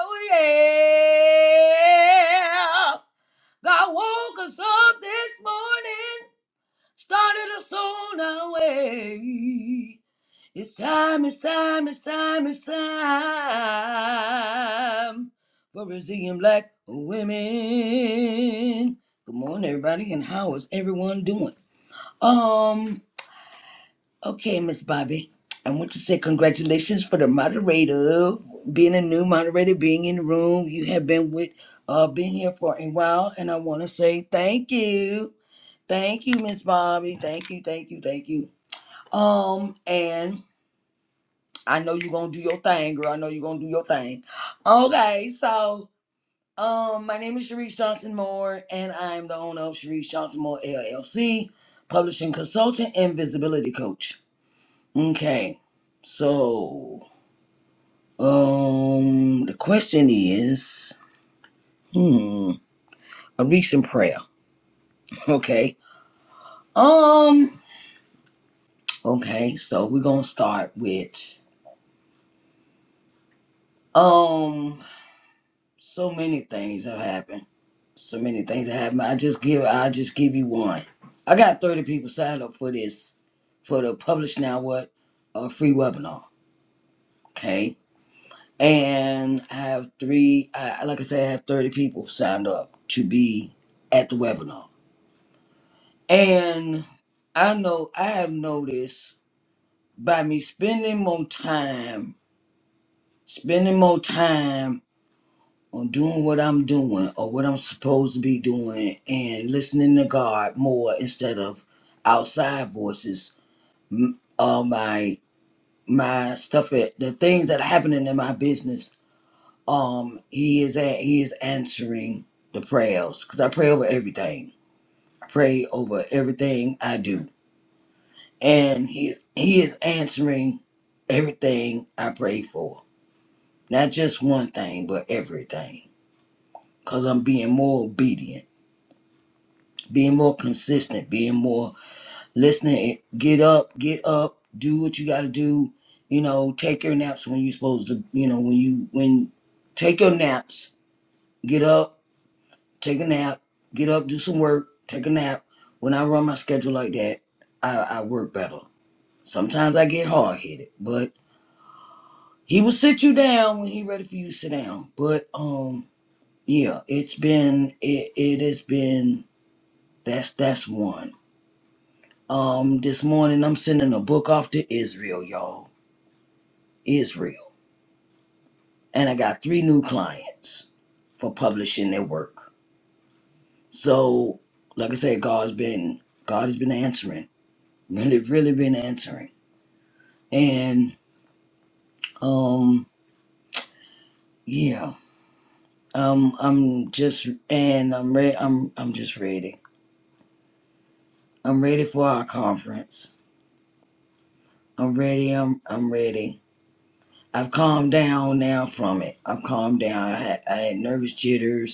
Oh, yeah. God woke us up this morning Started us on our way. It's time, it's time, it's time, it's time for Brazilian black women. Good morning, everybody, and how is everyone doing? Um, okay, Miss Bobby, I want to say congratulations for the moderator, being a new moderator, being in the room. You have been with, uh, been here for a while, and I want to say thank you. Thank you, Miss Bobby. Thank you, thank you, thank you. Um, and I know you're gonna do your thing, girl. I know you're gonna do your thing. Okay, so um, my name is Sharice Johnson Moore, and I'm the owner of Sharice Johnson Moore LLC, publishing consultant and visibility coach. Okay, so um, the question is, hmm, a recent prayer. Okay, um, okay, so we're gonna start with. Um, so many things have happened. So many things have happened. I just give I just give you one. I got 30 people signed up for this for the publish now what uh, free webinar. Okay. And I have three I like I said, I have 30 people signed up to be at the webinar. And I know I have noticed by me spending more time, spending more time on doing what I'm doing or what I'm supposed to be doing and listening to God more instead of outside voices. M- Uh, my my stuff, at, the things that are happening in my business. Um, he is at, he is answering the prayers because I pray over everything. I pray over everything I do, and he is he is answering everything I pray for. Not just one thing, but everything. Cause I'm being more obedient being more consistent, being more listening. eh, Get up, get up, do what you got to do. You know, take your naps when you're supposed to. You know, when you when take your naps, get up, take a nap, get up, do some work, take a nap. When I run my schedule like that, I, I work better. Sometimes I get hard headed, but he will sit you down when he ready for you to sit down. But um, yeah, it's been it it has been that's that's one. Um, this morning I'm sending a book off to Israel, y'all. Israel. And I got three new clients for publishing their work. So, like I said, God's been God has been answering. Really, really been answering. And um, yeah. Um, I'm just and I'm ready I'm I'm just ready. I'm ready for our conference. I'm ready, I'm I'm ready. I've calmed down now from it. I've calmed down. I had I had nervous jitters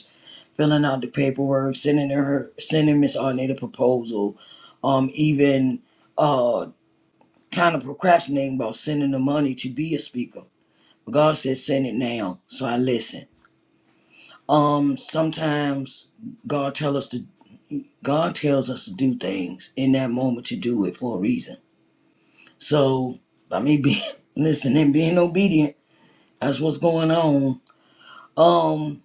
filling out the paperwork, sending her, sending Miss Arnett a proposal, um, even uh, kind of procrastinating about sending the money to be a speaker. But God said, send it now. So I listen. Um, sometimes God tell us to, God tells us to do things in that moment to do it for a reason. So by me being listening, being obedient, that's what's going on. Um,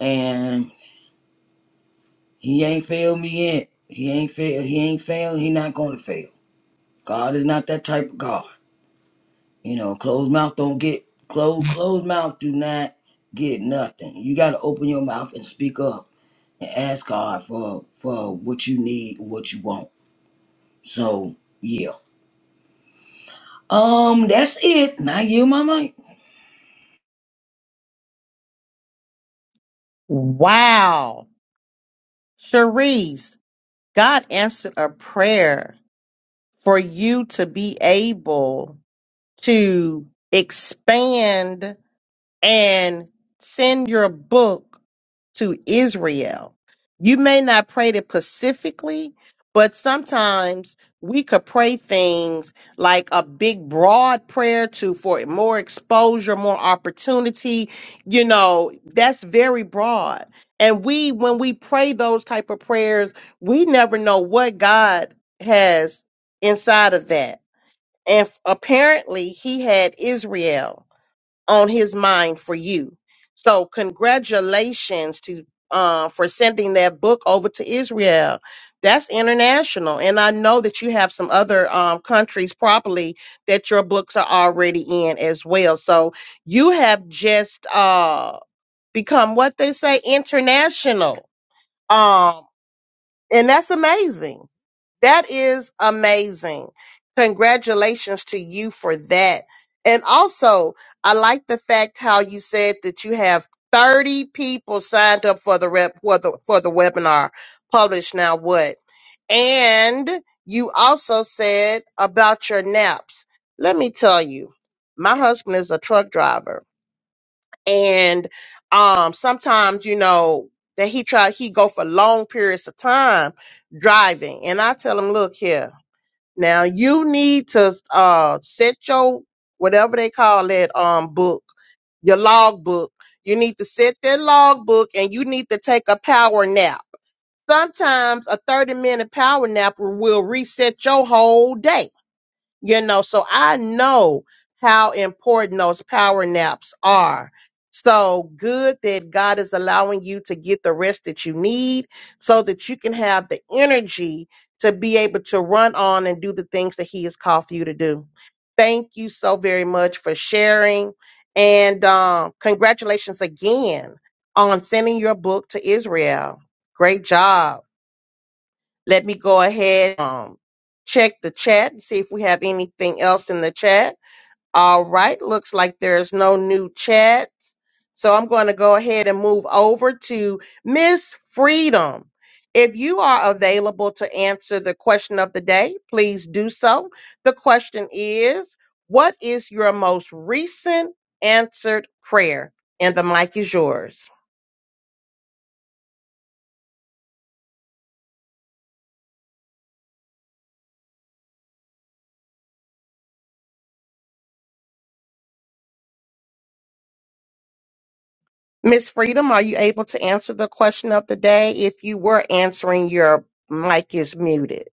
and he ain't failed me yet. He ain't fail. He ain't failed. He not gonna fail. God is not that type of God. You know, closed mouth don't get closed. Closed mouth do not get nothing. You got to open your mouth and speak up and ask God for for what you need, what you want. So yeah, um, that's it. Now you, my mic. Wow. Cherise, God answered a prayer for you to be able to expand and send your book to Israel. You may not pray it specifically, but sometimes we could pray things like a big broad prayer to for more exposure, more opportunity, you know, that's very broad. And we when we pray those type of prayers, we never know what God has inside of that. And f- apparently he had Israel on his mind for you. So congratulations to uh, for sending that book over to Israel. That's international, and I know that you have some other um, countries probably that your books are already in as well. So you have just uh, become what they say international, um, and that's amazing. That is amazing. Congratulations to you for that. And also, I like the fact how you said that you have 30 people signed up for the rep for the for the webinar. Publish now what? And you also said about your naps. Let me tell you, my husband is a truck driver and um sometimes you know that he try he go for long periods of time driving and i tell him look here now you need to uh set your whatever they call that um book, your log book. You need to set that log book and you need to take a power nap. Sometimes a 30 minute power nap will reset your whole day you know so i know how important those power naps are so good that god is allowing you to get the rest that you need so that you can have the energy to be able to run on and do the things that he has called for you to do thank you so very much for sharing and um, congratulations again on sending your book to israel great job let me go ahead um check the chat and see if we have anything else in the chat. All right, looks like there's no new chats. So I'm going to go ahead and move over to Miss Freedom. If you are available to answer the question of the day, please do so. The question is, what is your most recent answered prayer? And the mic is yours. Miss Freedom, are you able to answer the question of the day? If you were answering, your mic is muted.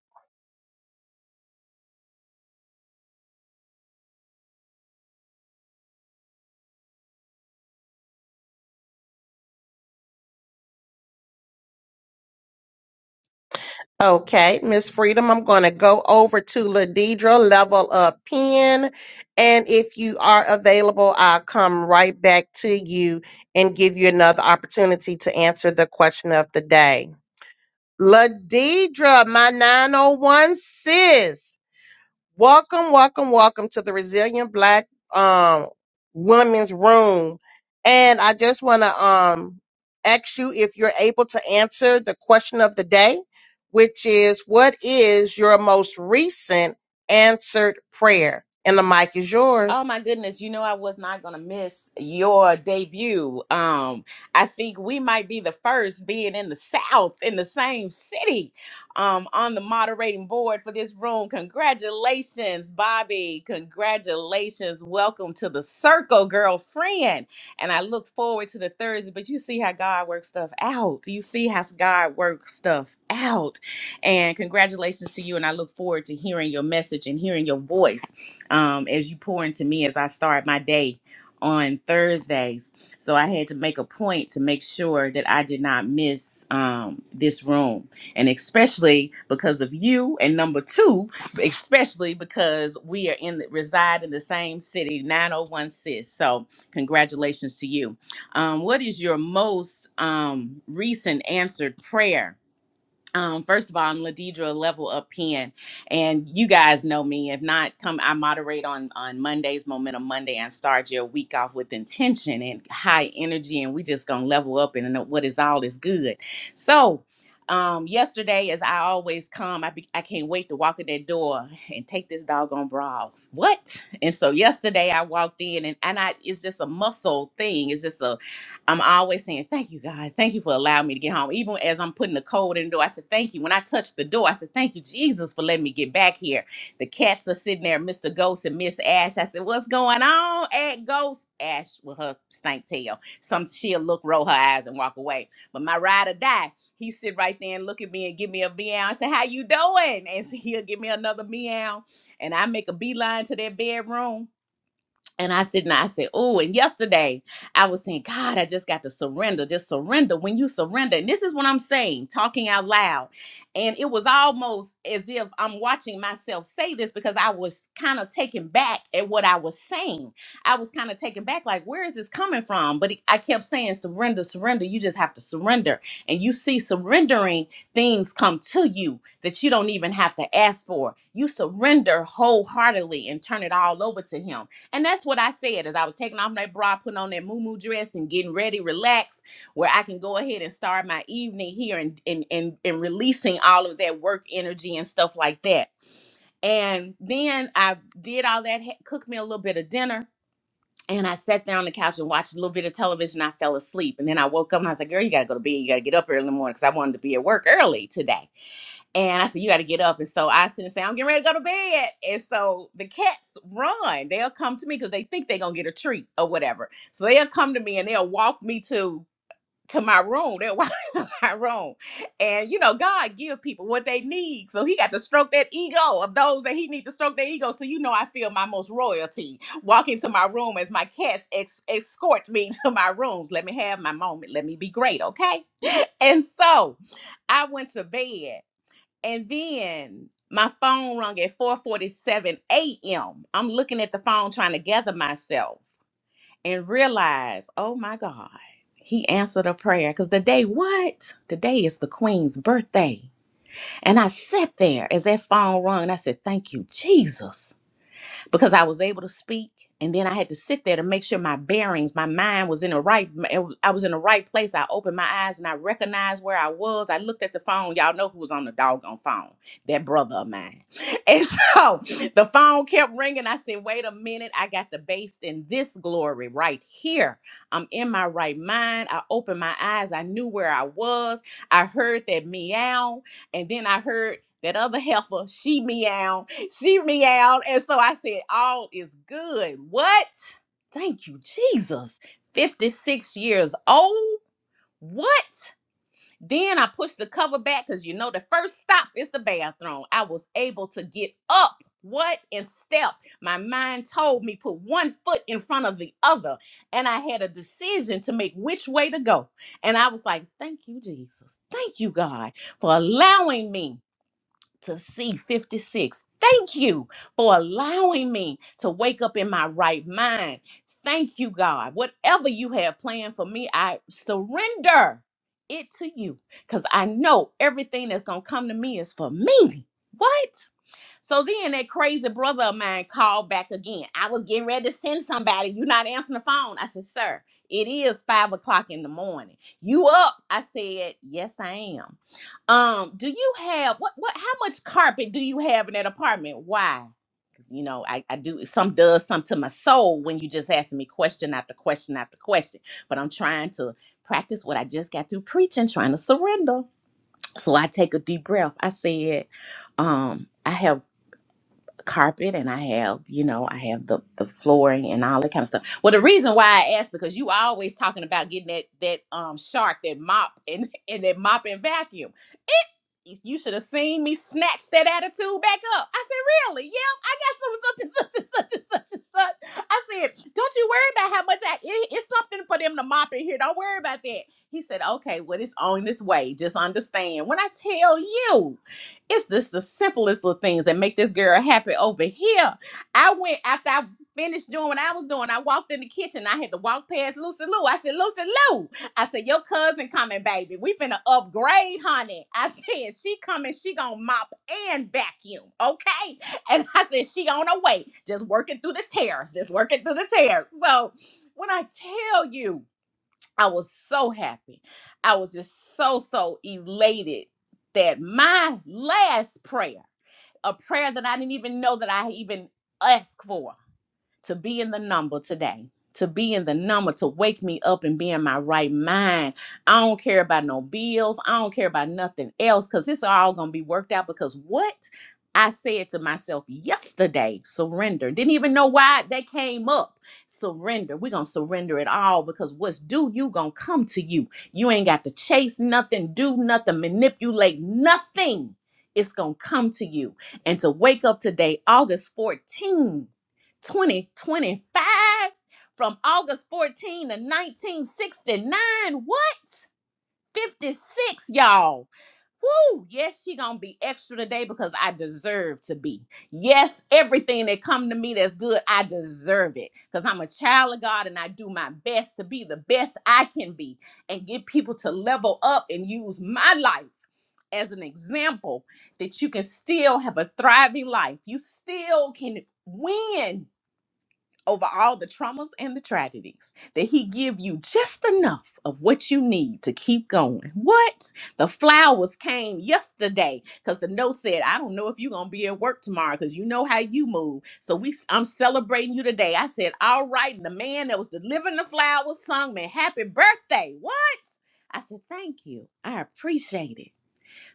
Okay, Miss Freedom, I'm going to go over to Ladidra, level up pen. And if you are available, I'll come right back to you and give you another opportunity to answer the question of the day. Ladidra, my 901 sis, Welcome, welcome, welcome to the Resilient Black um Women's Room. And I just want to um ask you if you're able to answer the question of the day, which is what is your most recent answered prayer? And the mic is Oh yours. my goodness, you know I was not going to miss your debut. Um I think we might be the first being in the South in the same city um on the moderating board for this room. Congratulations, Bobby. Congratulations. Welcome to the circle, girlfriend. And I look forward to the Thursday, but you see how God works stuff out. You see how God works stuff out. And congratulations to you and I look forward to hearing your message and hearing your voice um, as you pour into me as I start my day on Thursdays. So I had to make a point to make sure that I did not miss um, this room. And especially because of you. And number two, especially because we are in the, reside in the same city, 901 sis. So congratulations to you. Um, what is your most um, recent answered prayer? um, first of all, I'm Ladidra Level Up Pen, and you guys know me. If not, come. I moderate on on Mondays, Momentum Monday, and start your week off with intention and high energy, and we just gonna level up and know what is all is good. So. Um, yesterday, as I always come, I be, I can't wait to walk in that door and take this doggone bra off. What? And so yesterday, I walked in, and and I it's just a muscle thing. It's just a I'm always saying, Thank you, God. Thank you for allowing me to get home. Even as I'm putting the code in the door, I said, Thank you. When I touched the door, I said, Thank you, Jesus, for letting me get back here. The cats are sitting there, Mr. Ghost and Miss Ash. I said, What's going on at Ghost? Ash with her stank tail. Some she'll look, roll her eyes, and walk away. But my ride or die, he sit right there and look at me and give me a meow. I say, How you doing? And he'll give me another meow. And I make a beeline to their bedroom and I said, and I said, oh, and yesterday I was saying, God, I just got to surrender, just surrender. When you surrender, and this is what I'm saying, talking out loud. And it was almost as if I'm watching myself say this because I was kind of taken back at what I was saying. I was kind of taken back, like, where is this coming from? But it, I kept saying, surrender, surrender. You just have to surrender. And you see, surrendering things come to you that you don't even have to ask for. You surrender wholeheartedly and turn it all over to Him and that's what I said as I was taking off that bra, putting on that moo dress and getting ready, relaxed, where I can go ahead and start my evening here and and and, and releasing all of that work energy and stuff like that. And then I did all that, ha- cooked me a little bit of dinner, and I sat down on the couch and watched a little bit of television. I fell asleep. And then I woke up and I was like, girl, you gotta go to bed. You gotta get up early in the morning because I wanted to be at work early today. And I said, You got to get up. And so I sit and say, I'm getting ready to go to bed. And so the cats run. They'll come to me because they think they're going to get a treat or whatever. So they'll come to me and they'll walk me to to my room. They'll walk to my room. And, you know, God give people what they need. So he got to stroke that ego of those that he need to stroke their ego. So, you know, I feel my most royalty walking to my room as my cats ex- escort me to my rooms. Let me have my moment. Let me be great. Okay. And so I went to bed and then my phone rung at 4:47 a.m. I'm looking at the phone trying to gather myself and realize, oh my God, he answered a prayer. Because the day, what? Today is the Queen's birthday. And I sat there as that phone rung and I said, Thank you, Jesus because I was able to speak and then I had to sit there to make sure my bearings, my mind was in the right I was in the right place. I opened my eyes and I recognized where I was. I looked at the phone. Y'all know who was on the doggone phone. That brother of mine. And so the phone kept ringing. I said, "Wait a minute. I got the base in this glory right here. I'm in my right mind. I opened my eyes. I knew where I was. I heard that meow and then I heard that other heifer, she meowed, she meowed. And so I said, All is good. What? Thank you, Jesus. 56 years old. What? Then I pushed the cover back because you know the first stop is the bathroom. I was able to get up, what, and step. My mind told me put one foot in front of the other, and I had a decision to make which way to go. And I was like, Thank you, Jesus. Thank you, God, for allowing me to see 56. Thank you for allowing me to wake up in my right mind. Thank you, God. Whatever you have planned for me, I surrender it to you because I know everything that's going to come to me is for me. What? So then that crazy brother of mine called back again. I was getting ready to send somebody. You're not answering the phone. I said, Sir, it is five o'clock in the morning. You up? I said, Yes, I am. Um, do you have what what how much carpet do you have in that apartment? Why? Because you know, I, I do some does something to my soul when you just asking me question after question after question. But I'm trying to practice what I just got through preaching, trying to surrender. So I take a deep breath. I said, um, I have carpet and I have, you know, I have the the flooring and all that kind of stuff. Well, the reason why I asked because you always talking about getting that that um shark that mop and and that mop and vacuum. It you should have seen me snatch that attitude back up. I said, really? Yeah, I got some such and such and such and such and such. I said, don't you worry about how much I it- it's something for them to mop in here. Don't worry about that. He said, okay, well it's on this way. Just understand when I tell you. It's just the simplest little things that make this girl happy over here. I went after I finished doing what I was doing. I walked in the kitchen. I had to walk past Lucy Lou. I said, Lucy Lou, I said, your cousin coming, baby. We finna upgrade, honey. I said, she coming, she gonna mop and vacuum, okay? And I said, she on her way, just working through the tears, just working through the tears. So when I tell you, I was so happy. I was just so, so elated that my last prayer, a prayer that I didn't even know that I even asked for, to be in the number today. To be in the number, to wake me up and be in my right mind. I don't care about no bills. I don't care about nothing else because it's all going to be worked out. Because what I said to myself yesterday, surrender. Didn't even know why that came up. Surrender. We're going to surrender it all because what's due, you going to come to you. You ain't got to chase nothing, do nothing, manipulate nothing. It's going to come to you. And to wake up today, August 14th 2025 from August 14 to 1969. What? 56, y'all. Woo! Yes, she gonna be extra today because I deserve to be. Yes, everything that come to me that's good, I deserve it. Because I'm a child of God and I do my best to be the best I can be and get people to level up and use my life as an example that you can still have a thriving life. You still can win over all the traumas and the tragedies that he give you just enough of what you need to keep going what the flowers came yesterday because the note said i don't know if you're gonna be at work tomorrow because you know how you move so we i'm celebrating you today i said all right and the man that was delivering the flowers sung me happy birthday what i said thank you i appreciate it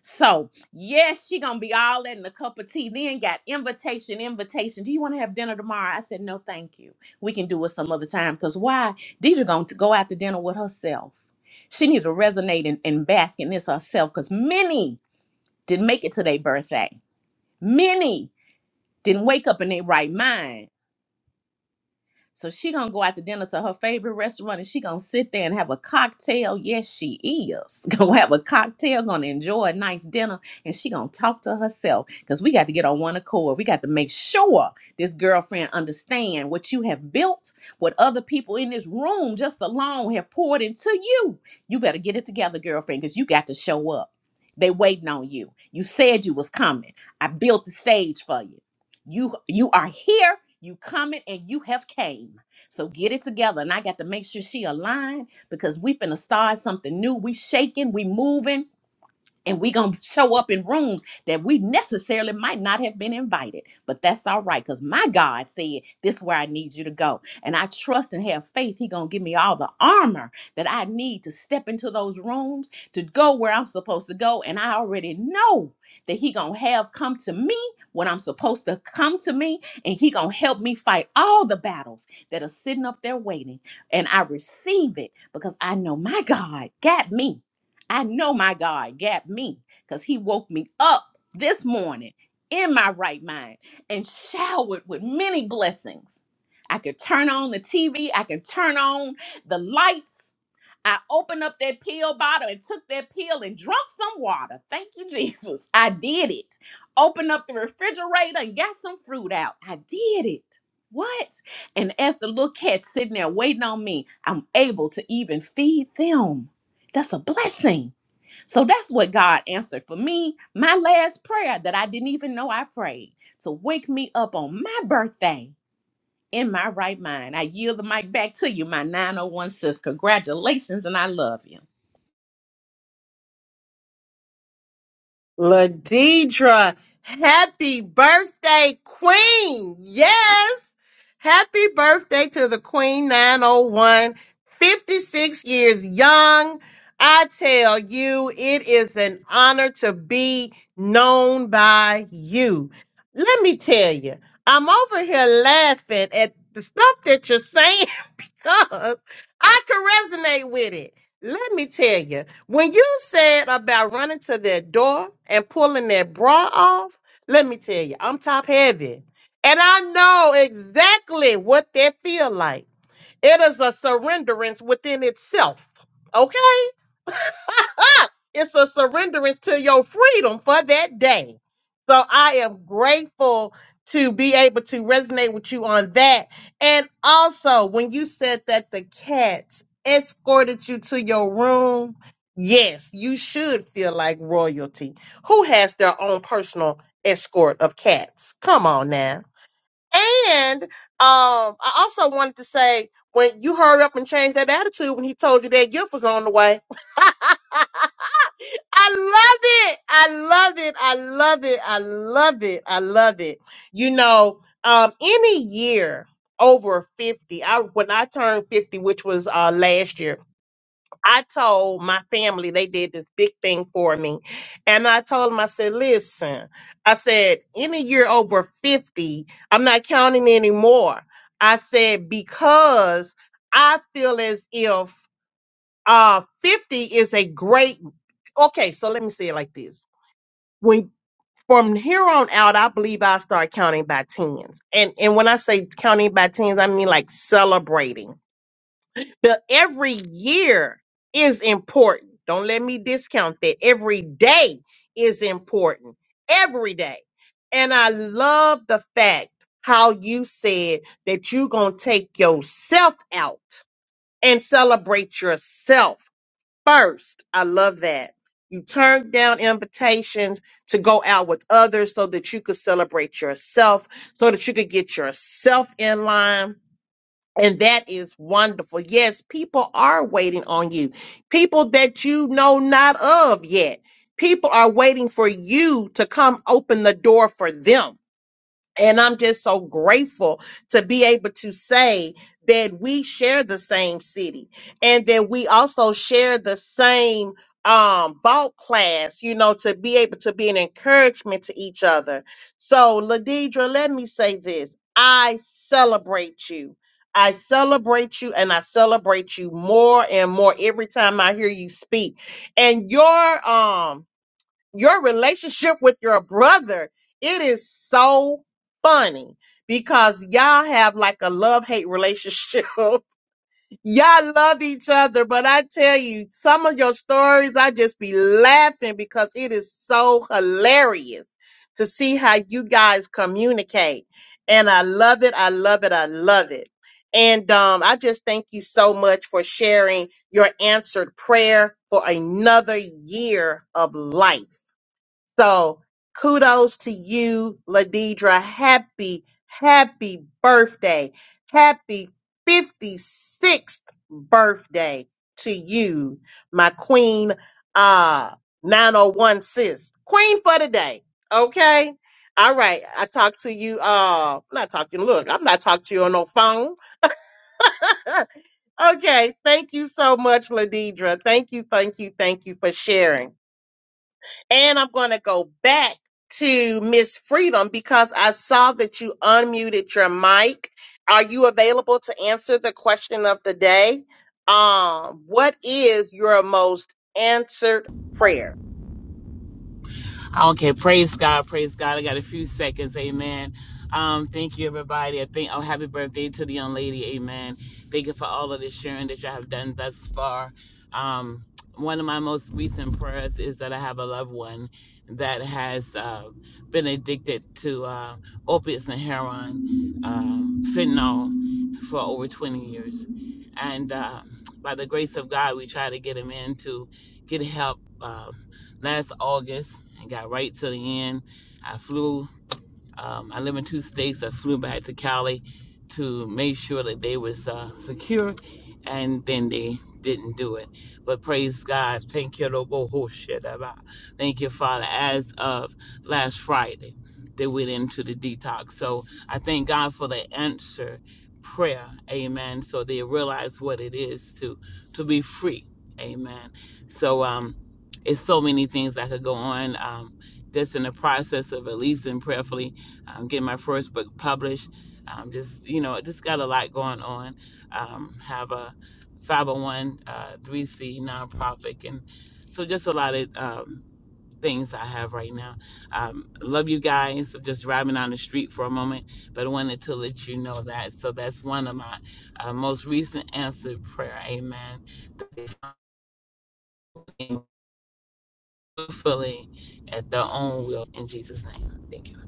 so yes, she gonna be all that in a cup of tea. Then got invitation, invitation. Do you want to have dinner tomorrow? I said no, thank you. We can do it some other time. Cause why? Deidre gonna t- go out to dinner with herself. She needs to resonate and, and bask in this herself. Cause many didn't make it to their birthday. Many didn't wake up in their right mind so she gonna go out to dinner to her favorite restaurant and she gonna sit there and have a cocktail. Yes, she is. Gonna have a cocktail, gonna enjoy a nice dinner, and she gonna talk to herself. Cause we got to get on one accord. We got to make sure this girlfriend understand what you have built, what other people in this room just alone have poured into you. You better get it together, girlfriend, because you got to show up. They waiting on you. You said you was coming. I built the stage for you you you are here you coming and you have came so get it together and i got to make sure she aligned because we finna start something new we shaking we moving and we gonna show up in rooms that we necessarily might not have been invited but that's all right because my god said this is where i need you to go and i trust and have faith he gonna give me all the armor that i need to step into those rooms to go where i'm supposed to go and i already know that he gonna have come to me when i'm supposed to come to me and he gonna help me fight all the battles that are sitting up there waiting and i receive it because i know my god got me I know my God got me because he woke me up this morning in my right mind and showered with many blessings. I could turn on the TV, I could turn on the lights. I opened up that pill bottle and took that pill and drunk some water. Thank you, Jesus. I did it. Opened up the refrigerator and got some fruit out. I did it. What? And as the little cat's sitting there waiting on me, I'm able to even feed them. That's a blessing. So that's what God answered for me. My last prayer that I didn't even know I prayed to wake me up on my birthday in my right mind. I yield the mic back to you, my 901 sis. Congratulations, and I love you. Ladidra, happy birthday, Queen. Yes. Happy birthday to the Queen 901. 56 years young. I tell you, it is an honor to be known by you. Let me tell you, I'm over here laughing at the stuff that you're saying because I can resonate with it. Let me tell you, when you said about running to that door and pulling that bra off, let me tell you, I'm top heavy. And I know exactly what that feel like. It is a surrenderance within itself. Okay? it's a surrenderance to your freedom for that day. So I am grateful to be able to resonate with you on that. And also, when you said that the cats escorted you to your room, yes, you should feel like royalty. Who has their own personal escort of cats? Come on now. And um, I also wanted to say when you hurry up and change that attitude when he told you that gift was on the way. I love it. I love it. I love it. I love it. I love it. You know, um, any year over 50, I when I turned 50, which was uh last year, I told my family they did this big thing for me. And I told them, I said, listen, I said, any year over 50, I'm not counting anymore. I said, because I feel as if uh 50 is a great okay, so let me say it like this. When from here on out, I believe I'll start counting by tens. And and when I say counting by tens, I mean like celebrating the every year is important. Don't let me discount that. Every day is important. Every day. And I love the fact how you said that you're going to take yourself out and celebrate yourself first. I love that. You turned down invitations to go out with others so that you could celebrate yourself, so that you could get yourself in line and that is wonderful. Yes, people are waiting on you. People that you know not of yet. People are waiting for you to come open the door for them and I'm just so grateful to be able to say that we share the same city and that we also share the same um vault class, you know, to be able to be an encouragement to each other. So Ladidra, let me say this. I celebrate you. I celebrate you and I celebrate you more and more every time I hear you speak. And your um your relationship with your brother. It is so funny because y'all have like a love hate relationship. y'all love each other, but I tell you, some of your stories, I just be laughing because it is so hilarious to see how you guys communicate. And I love it. I love it. I love it. And um, I just thank you so much for sharing your answered prayer for another year of life. So kudos to you, Ladidra. Happy, happy birthday. Happy 56th birthday to you, my queen, uh, 901 sis. Queen for the day. Okay. All right. I talked to you. Uh, I'm not talking. Look, I'm not talking to you on no phone. okay. Thank you so much, Ladidra. Thank you. Thank you. Thank you for sharing. And I'm going to go back to Miss Freedom because I saw that you unmuted your mic. Are you available to answer the question of the day? Um, what is your most answered prayer? Okay, praise God, praise God. I got a few seconds, amen. Um, thank you, everybody. I think, oh, happy birthday to the young lady, amen. Thank you for all of the sharing that you have done thus far. Um, one of my most recent prayers is that I have a loved one that has uh, been addicted to uh, opiates and heroin, um, fentanyl, for over 20 years. And uh, by the grace of God, we try to get him in to get help uh, last August and got right to the end. I flew um, I live in two states. I flew back to Cali to make sure that they was uh, secure, and then they didn't do it. But praise God, thank you, Lord, oh, oh, shit, about- thank you, Father. As of last Friday, they went into the detox. So I thank God for the answer prayer, Amen. So they realize what it is to to be free, Amen. So um, it's so many things that could go on. Um, just in the process of releasing prayerfully. I'm getting my first book published. I'm just, you know, just got a lot going on. Um, have a 501 uh, 3C nonprofit, and so just a lot of um, things I have right now. Um, love you guys. I'm just driving down the street for a moment, but I wanted to let you know that. So that's one of my uh, most recent answered prayer. Amen. That they find me Fully at their own will in Jesus' name. Thank you.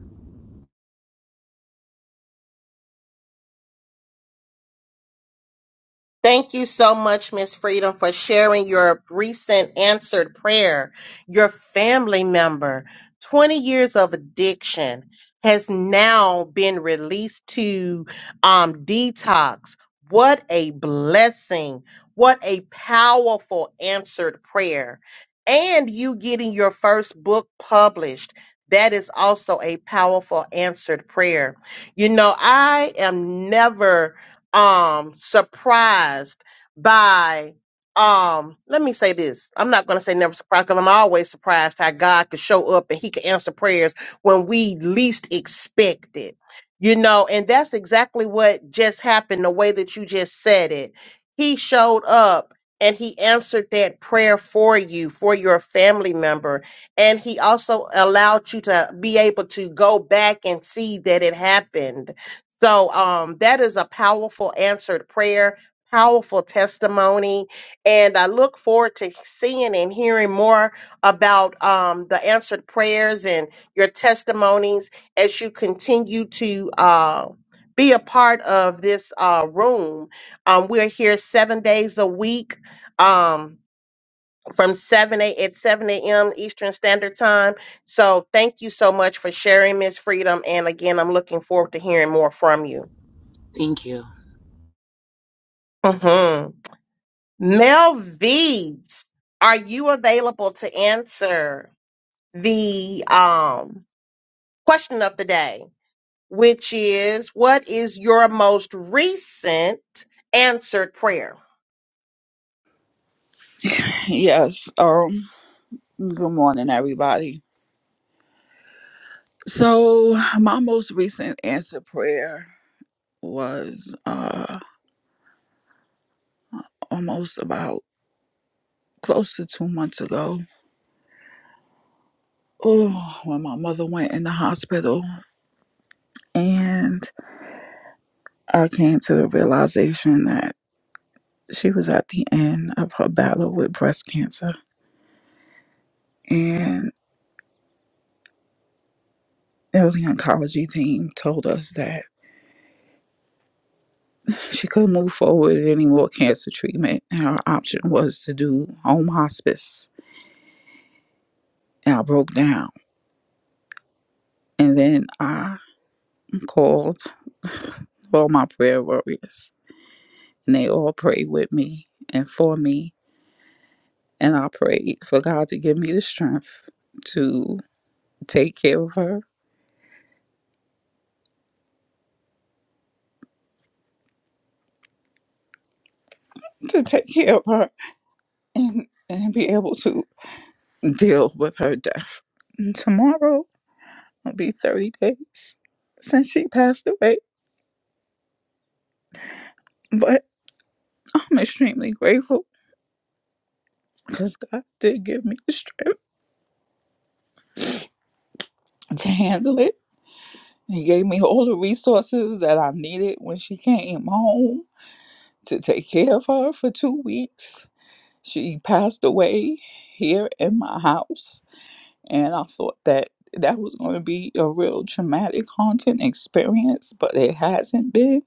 Thank you so much, Miss Freedom, for sharing your recent answered prayer. Your family member, 20 years of addiction, has now been released to um, detox. What a blessing. What a powerful answered prayer. And you getting your first book published. That is also a powerful answered prayer. You know, I am never um surprised by um let me say this i'm not going to say never surprised because i'm always surprised how god could show up and he could answer prayers when we least expect it you know and that's exactly what just happened the way that you just said it he showed up and he answered that prayer for you for your family member and he also allowed you to be able to go back and see that it happened so um, that is a powerful answered prayer, powerful testimony, and I look forward to seeing and hearing more about um, the answered prayers and your testimonies as you continue to. Uh, be a part of this uh, room. Um, we're here seven days a week um, from 7 a, at 7 a.m. Eastern Standard Time. So thank you so much for sharing, Miss Freedom. And again, I'm looking forward to hearing more from you. Thank you. hmm Mel V's, are you available to answer the um, question of the day, which is what is your most recent answered prayer? Yes. Um. Good morning, everybody. So my most recent answer prayer was uh almost about close to two months ago. Oh, when my mother went in the hospital, and I came to the realization that she was at the end of her battle with breast cancer, and. the oncology team told us that she couldn't move forward with any more cancer treatment, and her option was to do home hospice and I broke down. And then I called all my prayer warriors, and they all prayed with me and for me. And I prayed for God to give me the strength to take care of her, to take care of her, and, and be able to deal with her death. And tomorrow will be 30 days since she passed away. But I'm extremely grateful because God did give me the strength to handle it He gave me all the resources that I needed when she came home to take care of her for two weeks. She passed away here in my house, and I thought that that was going to be a real traumatic, haunting experience, but it hasn't been.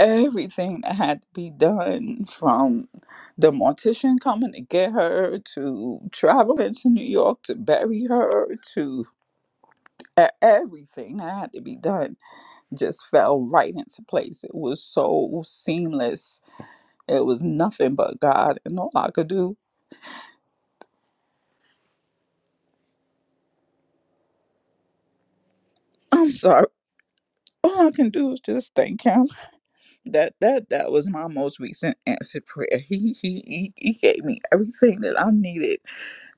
Everything that had to be done from the mortician coming to get her to traveling to New York to bury her to e- everything that had to be done just fell right into place. It was so seamless. It was nothing but God, and all I could do. I'm sorry. All I can do is just thank Him. That that that was my most recent answered prayer. He he he, he gave me everything that I needed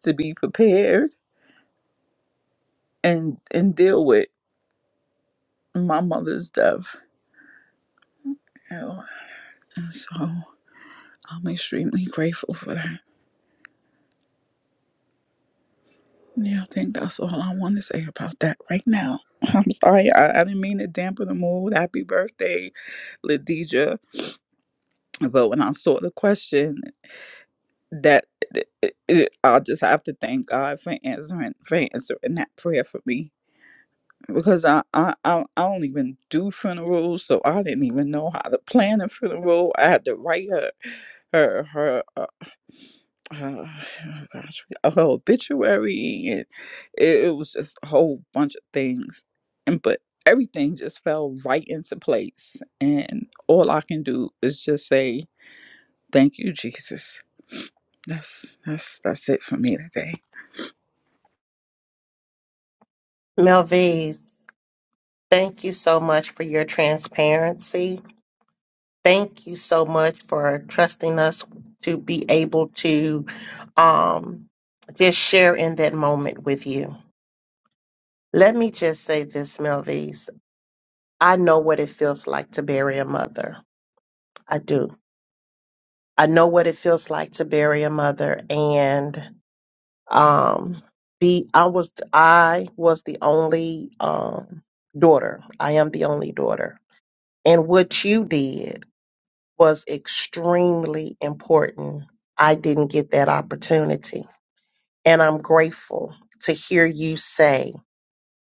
to be prepared and and deal with my mother's death. Oh, And so I'm extremely grateful for that. Yeah, I think that's all I want to say about that right now. I'm sorry, I, I didn't mean to dampen the mood. Happy birthday Ladija. But when I saw the question, that it, it, it- I'll just have to thank God for answering for answering that prayer for me because I I I, I don't even do funerals, so I didn't even know how to plan a funeral. I had to write her her her. Uh, uh, oh gosh, her obituary and it, it was just a whole bunch of things, and but everything just fell right into place. And all I can do is just say Thank you, Jesus. That's that's that's it for me today. Mel V's, thank you so much for your transparency. Thank you so much for trusting us to be able to um, just share in that moment with you. Let me just say this, Melvies. I know what it feels like to bury a mother. I do. I know what it feels like to bury a mother and um be I was I was the only um daughter. I am the only daughter. And what you did was extremely important. I didn't get that opportunity. And I'm grateful to hear you say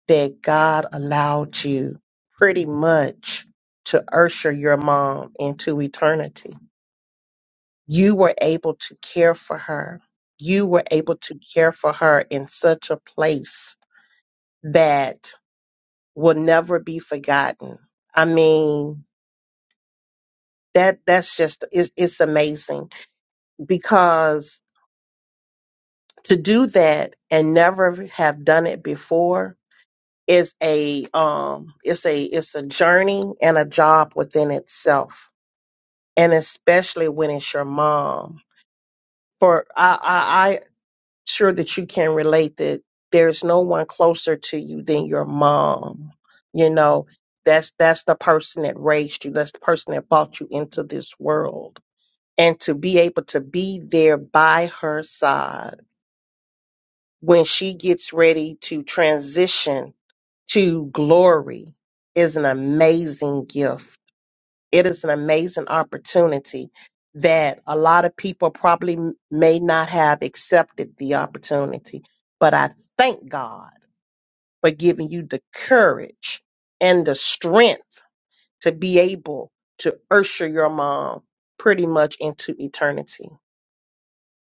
that God allowed you pretty much to usher your mom into eternity. You were able to care for her. You were able to care for her in such a place that will never be forgotten. I mean, that that's just it's, it's amazing because to do that and never have done it before is a um it's a it's a journey and a job within itself and especially when it's your mom. For I, I, I sure that you can relate that there's no one closer to you than your mom. You know, that's that's the person that raised you. That's the person that brought you into this world. And to be able to be there by her side when she gets ready to transition to glory is an amazing gift It is an amazing opportunity that a lot of people probably m- may not have accepted the opportunity. But I thank God for giving you the courage and the strength to be able to usher your mom pretty much into eternity.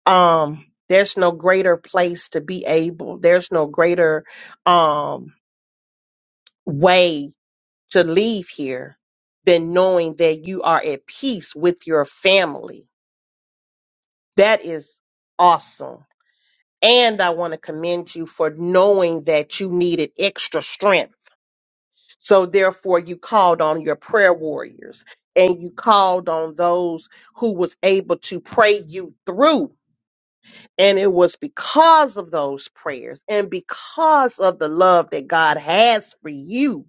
Um, there's no greater place to be able, there's no greater um, way to leave here than knowing that you are at peace with your family That is awesome. And I want to commend you for knowing that you needed extra strength. So therefore you called on your prayer warriors and you called on those who was able to pray you through. And it was because of those prayers and because of the love that God has for you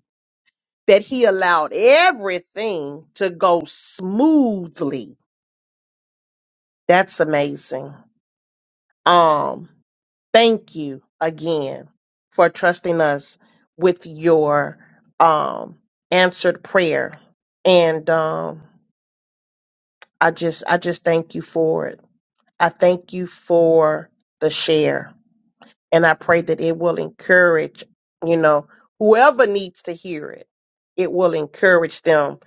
that he allowed everything to go smoothly. That's amazing. Um thank you again for trusting us with your um answered prayer and um i just i just thank you for it i thank you for the share and i pray that it will encourage you know whoever needs to hear it it will encourage them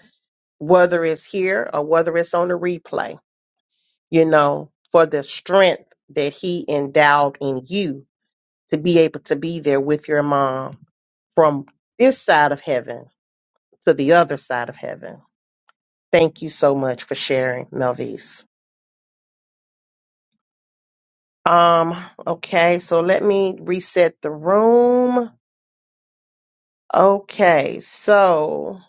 whether it's here or whether it's on the replay you know for the strength that he endowed in you to be able to be there with your mom from this side of heaven to the other side of heaven. Thank you so much for sharing, Melvise. Um, okay, so let me reset the room. Okay, so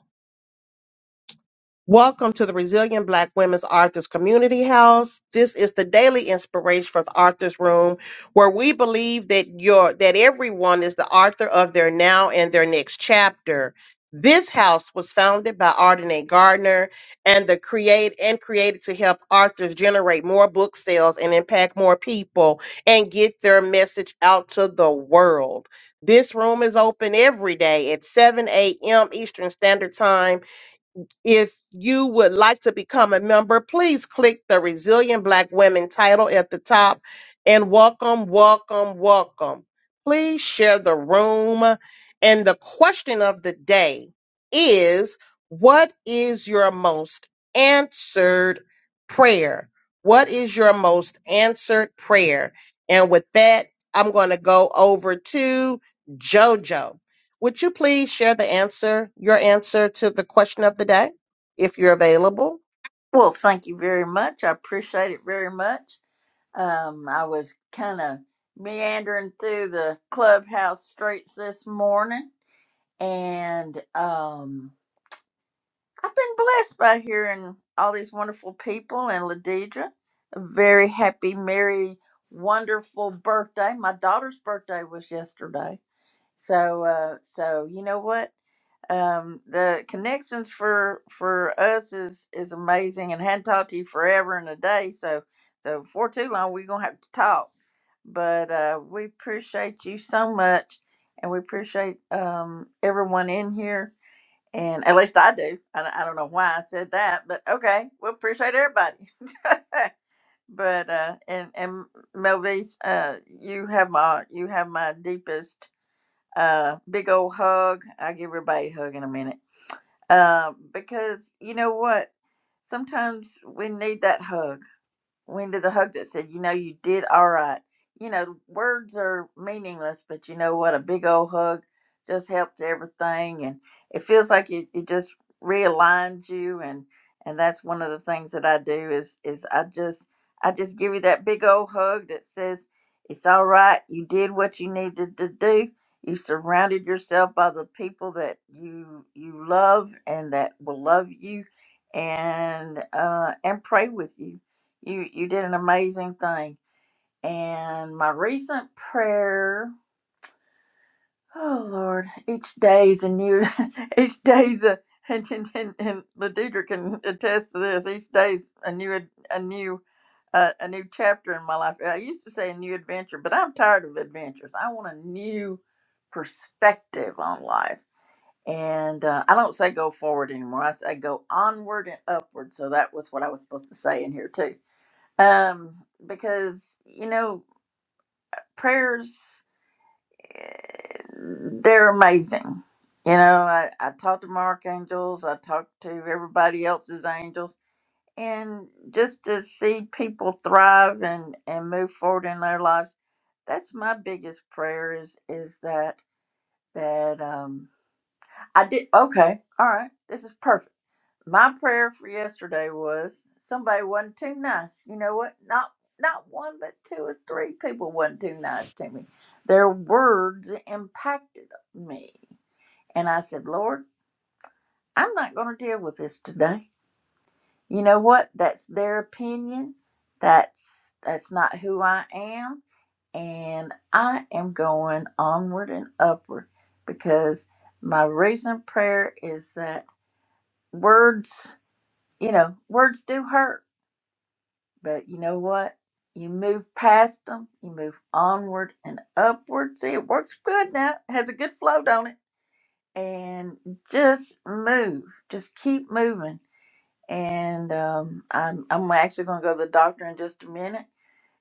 Welcome to the Resilient Black Women's Authors Community House. This is the daily inspiration for the Authors Room, where we believe that your that everyone is the author of their now and their next chapter. This house was founded by Ardenae Gardner and the create and created to help authors generate more book sales and impact more people and get their message out to the world. This room is open every day at 7 a.m. Eastern Standard Time if you would like to become a member, please click the Resilient Black Women title at the top and welcome, welcome, welcome. Please share the room. And the question of the day is what is your most answered prayer? What is your most answered prayer? And with that, I'm going to go over to JoJo. Would you please share the answer, your answer to the question of the day? if you're available. Well, thank you very much. I appreciate it very much. Um, I was kind of meandering through the clubhouse streets this morning, and um, I've been blessed by hearing all these wonderful people and Ladidra. A very happy, merry, wonderful birthday. My daughter's birthday was yesterday. So uh, so you know what? Um, the connections for for us is is amazing, and hadn't talked to you forever and a day. So so for too long, we're gonna have to talk. But uh, we appreciate you so much, and we appreciate um, everyone in here. And at least I do. I, don't- I don't know why I said that, but okay, we appreciate everybody. but uh, and and Melvis, uh, you have my you have my deepest uh, big old hug. I'll give everybody a hug in a minute. Uh, because you know what? Sometimes we need that hug when did the hug that said, you know, you did all right. You know, words are meaningless, but you know what? A big old hug just helps everything. And it feels like it, it just realigns you. And, and that's one of the things that I do is, is I just, I just give you that big old hug that says, it's all right. You did what you needed to do. You surrounded yourself by the people that you, you love and that will love you and, uh, and pray with you you you did an amazing thing. And my recent prayer, oh Lord, each day's a new, each day's a and and, and, and Ladidra can attest to this. Each day's a new a new uh, a new chapter in my life. I used to say a new adventure, but I'm tired of adventures. I want a new perspective on life. And uh, I don't say go forward anymore. I say go onward and upward. So that was what I was supposed to say in here too um, because you know prayers eh, they're amazing. You know, I, I talk to my archangels, I talk to everybody else's angels, and just to see people thrive and and move forward in their lives, that's my biggest prayer is is that that um I did okay, all right, this is perfect My prayer for yesterday was somebody wasn't too nice. You know what? Not not one, but two or three people wasn't too nice to me. Their words impacted me, and I said, "Lord, I'm not going to deal with this today." You know what? That's their opinion. That's that's not who I am, and I am going onward and upward because my recent prayer is that words, you know, words do hurt But you know what? You move past them, you move onward and upward. See, it works good now, it has a good flow, don't it? And just move, just keep moving. And um, I'm, I'm actually going to go to the doctor in just a minute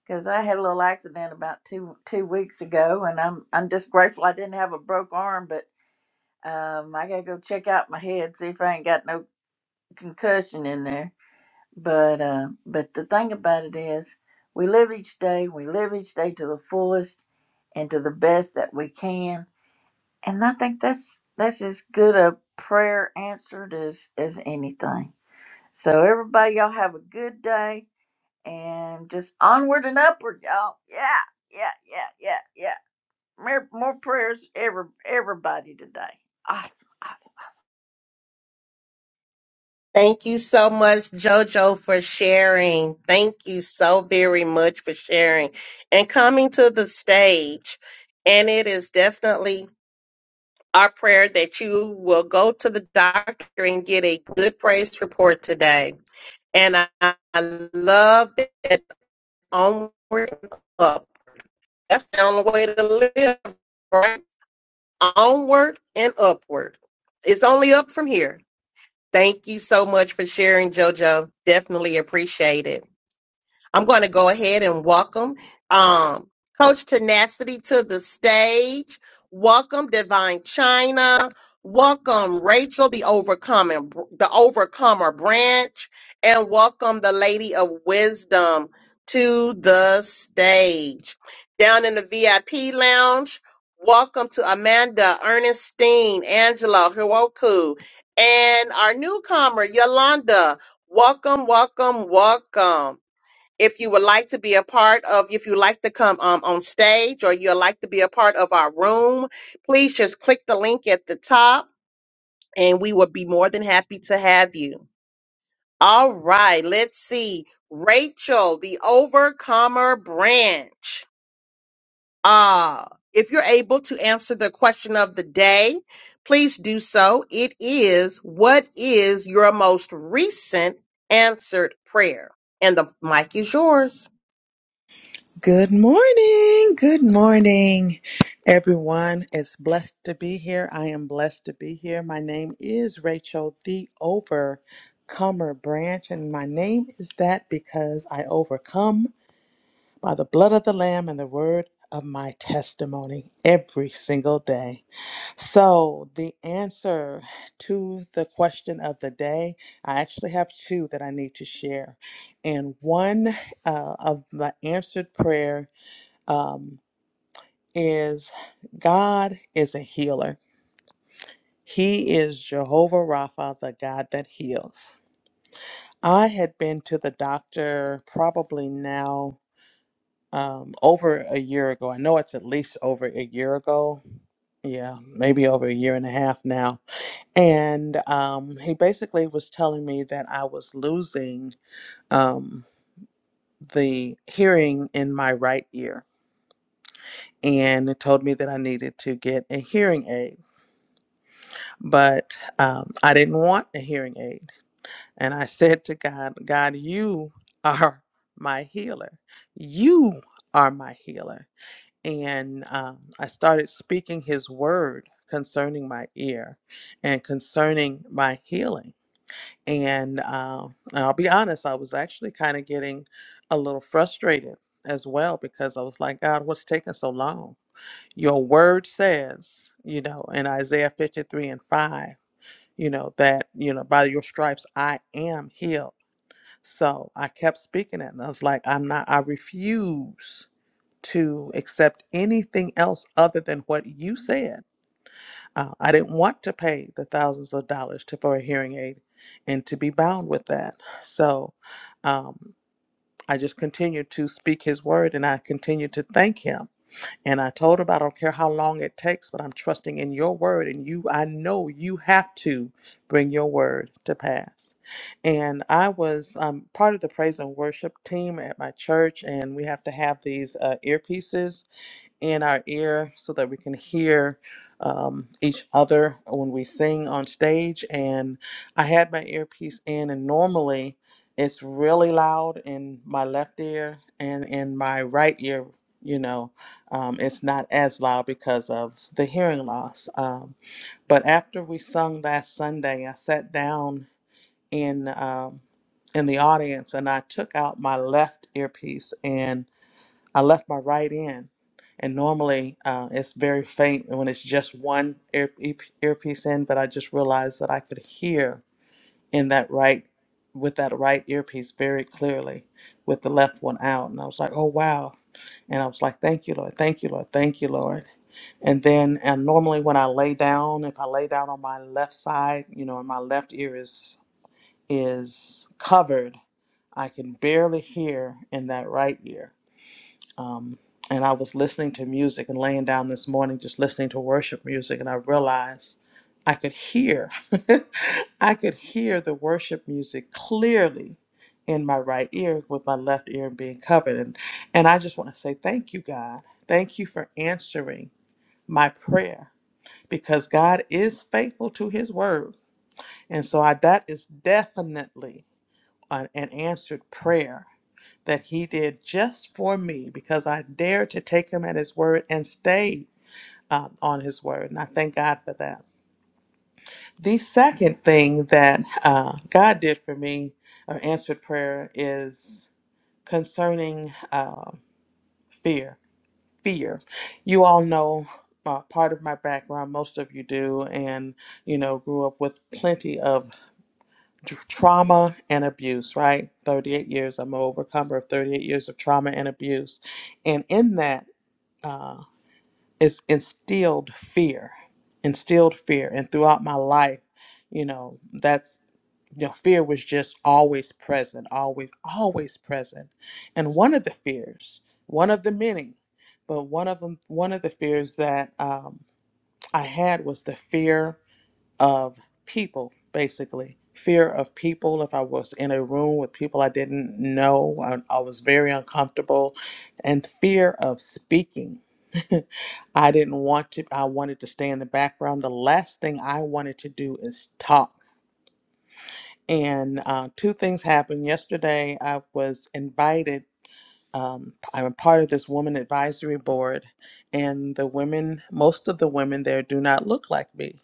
because I had a little accident about two two weeks ago, and I'm I'm just grateful I didn't have a broke arm, but um, I got to go check out my head, see if I ain't got no concussion in there but uh, but the thing about it is, we live each day. We live each day to the fullest and to the best that we can. And I think that's that's as good a prayer answered as as anything. So everybody, y'all have a good day and just onward and upward, y'all. Yeah, yeah, yeah, yeah, yeah. More, more prayers, every everybody today. Awesome, awesome. Thank you so much, JoJo, for sharing. Thank you so very much for sharing and coming to the stage. And it is definitely our prayer that you will go to the doctor and get a good praise report today. And I, I love that onward and up. That's the only way to live, right? Onward and upward. It's only up from here. Thank you so much for sharing, JoJo. Definitely appreciate it. I'm going to go ahead and welcome um, Coach Tenacity to the stage. Welcome Divine China. Welcome Rachel, the overcoming, the overcomer branch, and welcome the Lady of Wisdom to the stage. Down in the VIP lounge, welcome to Amanda, Ernestine, Angela, Hiroku, and our newcomer Yolanda. Welcome, welcome, welcome if you would like to be a part of if you like to come um, on stage or you'd like to be a part of our room please just click the link at the top and we would be more than happy to have you all right let's see rachel the overcomer branch ah if you're able to answer the question of the day please do so it is what is your most recent answered prayer and the mic is yours Good morning. Good morning, everyone. It's blessed to be here. I am blessed to be here. My name is Rachel, the Overcomer Branch, and my name is that because I overcome by the blood of the Lamb and the word of my testimony every single day. So, the answer to the question of the day, I actually have two that I need to share. And one uh, of the answered prayer um, is God is a healer. He is Jehovah Rapha, the God that heals. I had been to the doctor probably now um, over a year ago. I know it's at least over a year ago. Yeah, maybe over a year and a half now. And um, he basically was telling me that I was losing um, the hearing in my right ear. And it told me that I needed to get a hearing aid. but um, I didn't want a hearing aid. And I said to God, God, you are my healer. You are my healer. And um, I started speaking his word concerning my ear and concerning my healing. And uh, I'll be honest, I was actually kind of getting a little frustrated as well because I was like, God, what's taking so long? Your word says, you know, in Isaiah 53 and 5 you know, that, you know, by your stripes I am healed. So I kept speaking it and I was like, I'm not, I refuse to accept anything else other than what you said. Uh, I didn't want to pay the thousands of dollars to, for a hearing aid and to be bound with that. So um, I just continued to speak his word and I continued to thank him and I told him, I don't care how long it takes, but I'm trusting in your word. And you, I know you have to bring your word to pass. And I was um, part of the praise and worship team at my church, and we have to have these uh, earpieces in our ear so that we can hear um, each other when we sing on stage. And I had my earpiece in, and normally it's really loud in my left ear and in my right ear. You know, um, it's not as loud because of the hearing loss. Um, but after we sung last Sunday, I sat down in um, in the audience and I took out my left earpiece and. I left my right in, and normally uh, it's very faint when it's just one ear, ear- earpiece in, but I just realized that I could hear in that right with that right earpiece very clearly with the left one out and I was like oh wow and I was like thank you Lord thank you Lord thank you Lord and then and normally when I lay down if I lay down on my left side you know and my left ear is is covered I can barely hear in that right ear um, and I was listening to music and laying down this morning, just listening to worship music, and I realized I could hear, I could hear the worship music clearly in my right ear with my left ear being covered. And, and I just want to say thank you, God. Thank you for answering my prayer because God is faithful to his word. And so I, that is definitely an, an answered prayer that he did just for me because I dared to take him at his word and stay um, on his word. And I thank God for that. The second thing that uh, God did for me, or answered prayer, is concerning uh, fear. Fear. You all know. Uh, part of my background, most of you do, and you know, grew up with plenty of tr- trauma and abuse, right? 38 years, I'm an overcomer of 38 years of trauma and abuse. And in that, uh, it's instilled fear, instilled fear, and throughout my life, you know, that's you know, fear was just always present, always, always present. And one of the fears, one of the many, but one of them, one of the fears that um, I had was the fear of people, basically. Fear of people. If I was in a room with people I didn't know, I, I was very uncomfortable. And fear of speaking. I didn't want to, I wanted to stay in the background. The last thing I wanted to do is talk. And uh, two things happened. Yesterday, I was invited. Um, I'm a part of this woman advisory board, and the women, most of the women there do not look like me.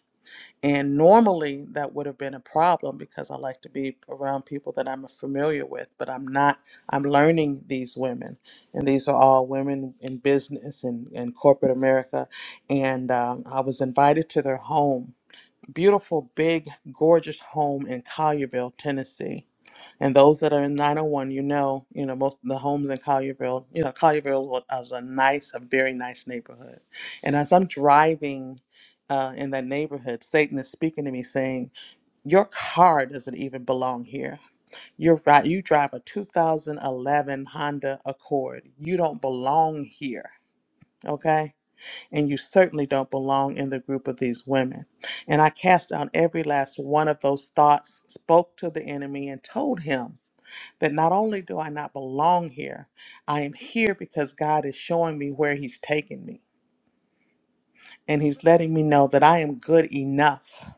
And normally that would have been a problem because I like to be around people that I'm familiar with, but I'm not. I'm learning these women, and these are all women in business and in corporate America. And um, I was invited to their home, beautiful, big, gorgeous home in Collierville, Tennessee. And those that are in 901, you know, you know, most of the homes in Collierville, you know, Collierville wa- was a nice, a very nice neighborhood. And as I'm driving uh, in that neighborhood, Satan is speaking to me saying, your car doesn't even belong here. You're right. You drive a 2011 Honda Accord. You don't belong here. Okay. And you certainly don't belong in the group of these women. And I cast down every last one of those thoughts, spoke to the enemy, and told him that not only do I not belong here, I am here because God is showing me where He's taking me. And He's letting me know that I am good enough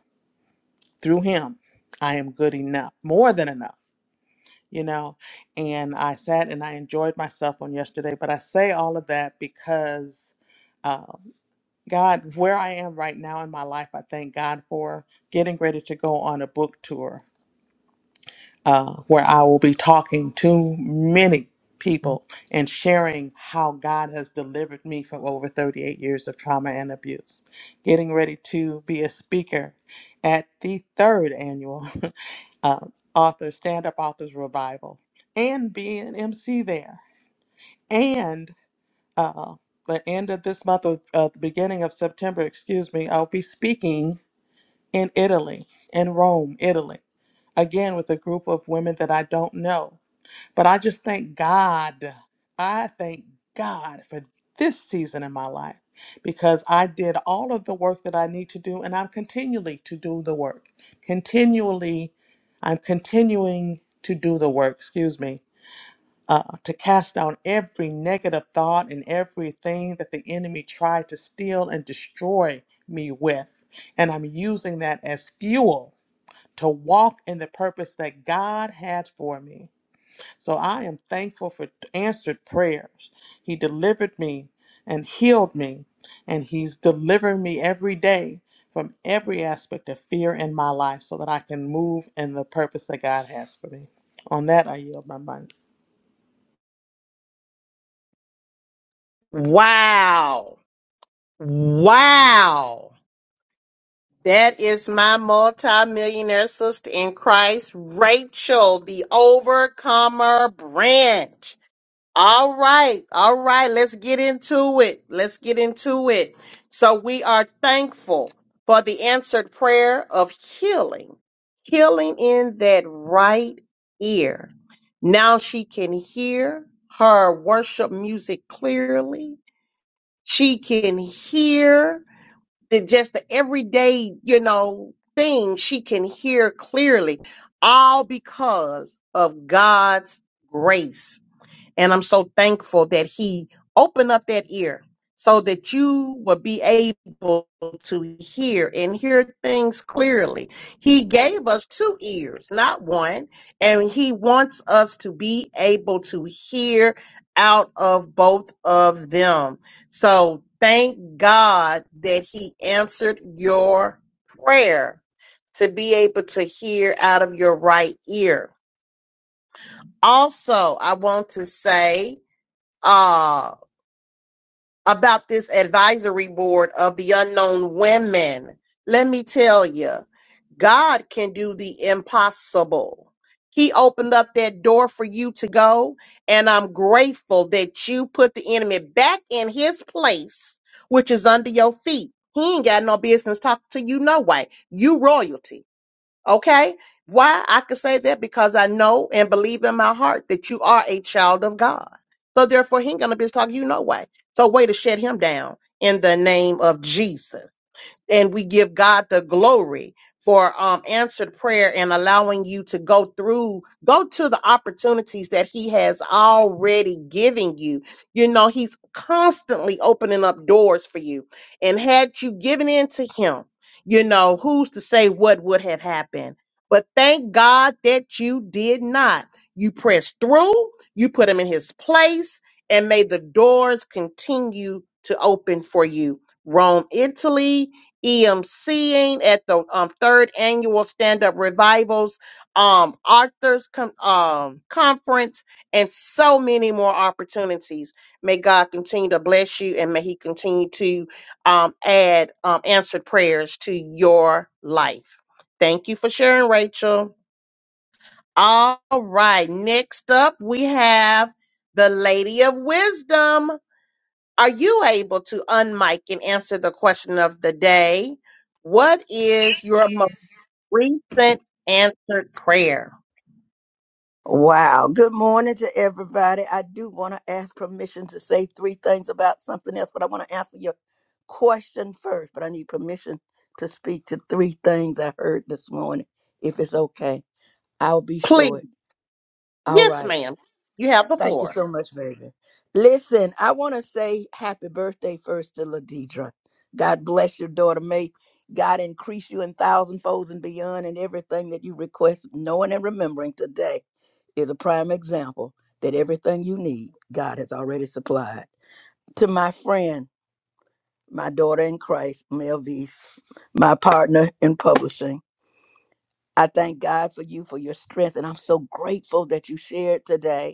through Him. I am good enough, more than enough, you know. And I sat and I enjoyed myself on yesterday, but I say all of that because. Um, God, where I am right now in my life, I thank God for getting ready to go on a book tour uh, where I will be talking to many people and sharing how God has delivered me from over 38 years of trauma and abuse. Getting ready to be a speaker at the third annual uh, author stand up authors revival and be an MC there and uh, the end of this month or uh, the beginning of September, excuse me, I'll be speaking in Italy, in Rome, Italy, again with a group of women that I don't know. But I just thank God. I thank God for this season in my life because I did all of the work that I need to do and I'm continually to do the work. Continually, I'm continuing to do the work, excuse me, uh, to cast down every negative thought and everything that the enemy tried to steal and destroy me with. And I'm using that as fuel to walk in the purpose that God had for me. So I am thankful for answered prayers. He delivered me and healed me, and He's delivering me every day from every aspect of fear in my life so that I can move in the purpose that God has for me. On that, I yield my mic. wow Wow. That is my multimillionaire sister in Christ, Rachel, the Overcomer branch. All right. All right. Let's get into it. Let's get into it. So we are thankful for the answered prayer of healing, healing in that right ear. Now she can hear her worship music clearly. She can hear the just the everyday, you know, thing she can hear clearly, all because of God's grace. And I'm so thankful that he opened up that ear so that you will be able to hear and hear things clearly. He gave us two ears, not one. And he wants us to be able to hear out of both of them. So thank God that he answered your prayer to be able to hear out of your right ear. Also, I want to say, uh, about this advisory board of the unknown women. Let me tell you, God can do the impossible. He opened up that door for you to go, and I'm grateful that you put the enemy back in his place, which is under your feet. He ain't got no business talking to you no way. You royalty. Okay. Why I can say that because I know and believe in my heart that you are a child of God. So therefore, he ain't gonna be talking you no way. So way to shut him down in the name of Jesus and we give God the glory for um, answered prayer and allowing you to go through, go to the opportunities that He has already given you. You know, He's constantly opening up doors for you. And had you given in to Him, you know, who's to say what would have happened? But thank God that you did not. You pressed through, you put Him in His place, and may the doors continue to open for you. Rome, Italy, EMCing at the um, third annual Stand Up Revivals, um, Arthur's com- um, Conference, and so many more opportunities. May God continue to bless you and may He continue to um, add um, answered prayers to your life. Thank you for sharing, Rachel. All right, next up we have the Lady of Wisdom. Are you able to unmic and answer the question of the day? What is your most recent answered prayer? Wow. Good morning to everybody. I do want to ask permission to say three things about something else, but I want to answer your question first. But I need permission to speak to three things I heard this morning, if it's okay. I'll be Please. short. All Yes, right. ma'am. You have the Thank you floor. so much, baby. Listen, I want to say happy birthday first to Ladidra. God bless your daughter. May God increase you in thousand folds and beyond, and everything that you request, knowing and remembering today is a prime example that everything you need, God has already supplied. To my friend, my daughter in Christ, Mel Vies, my partner in publishing, I thank God for you for your strength, and I'm so grateful that you shared today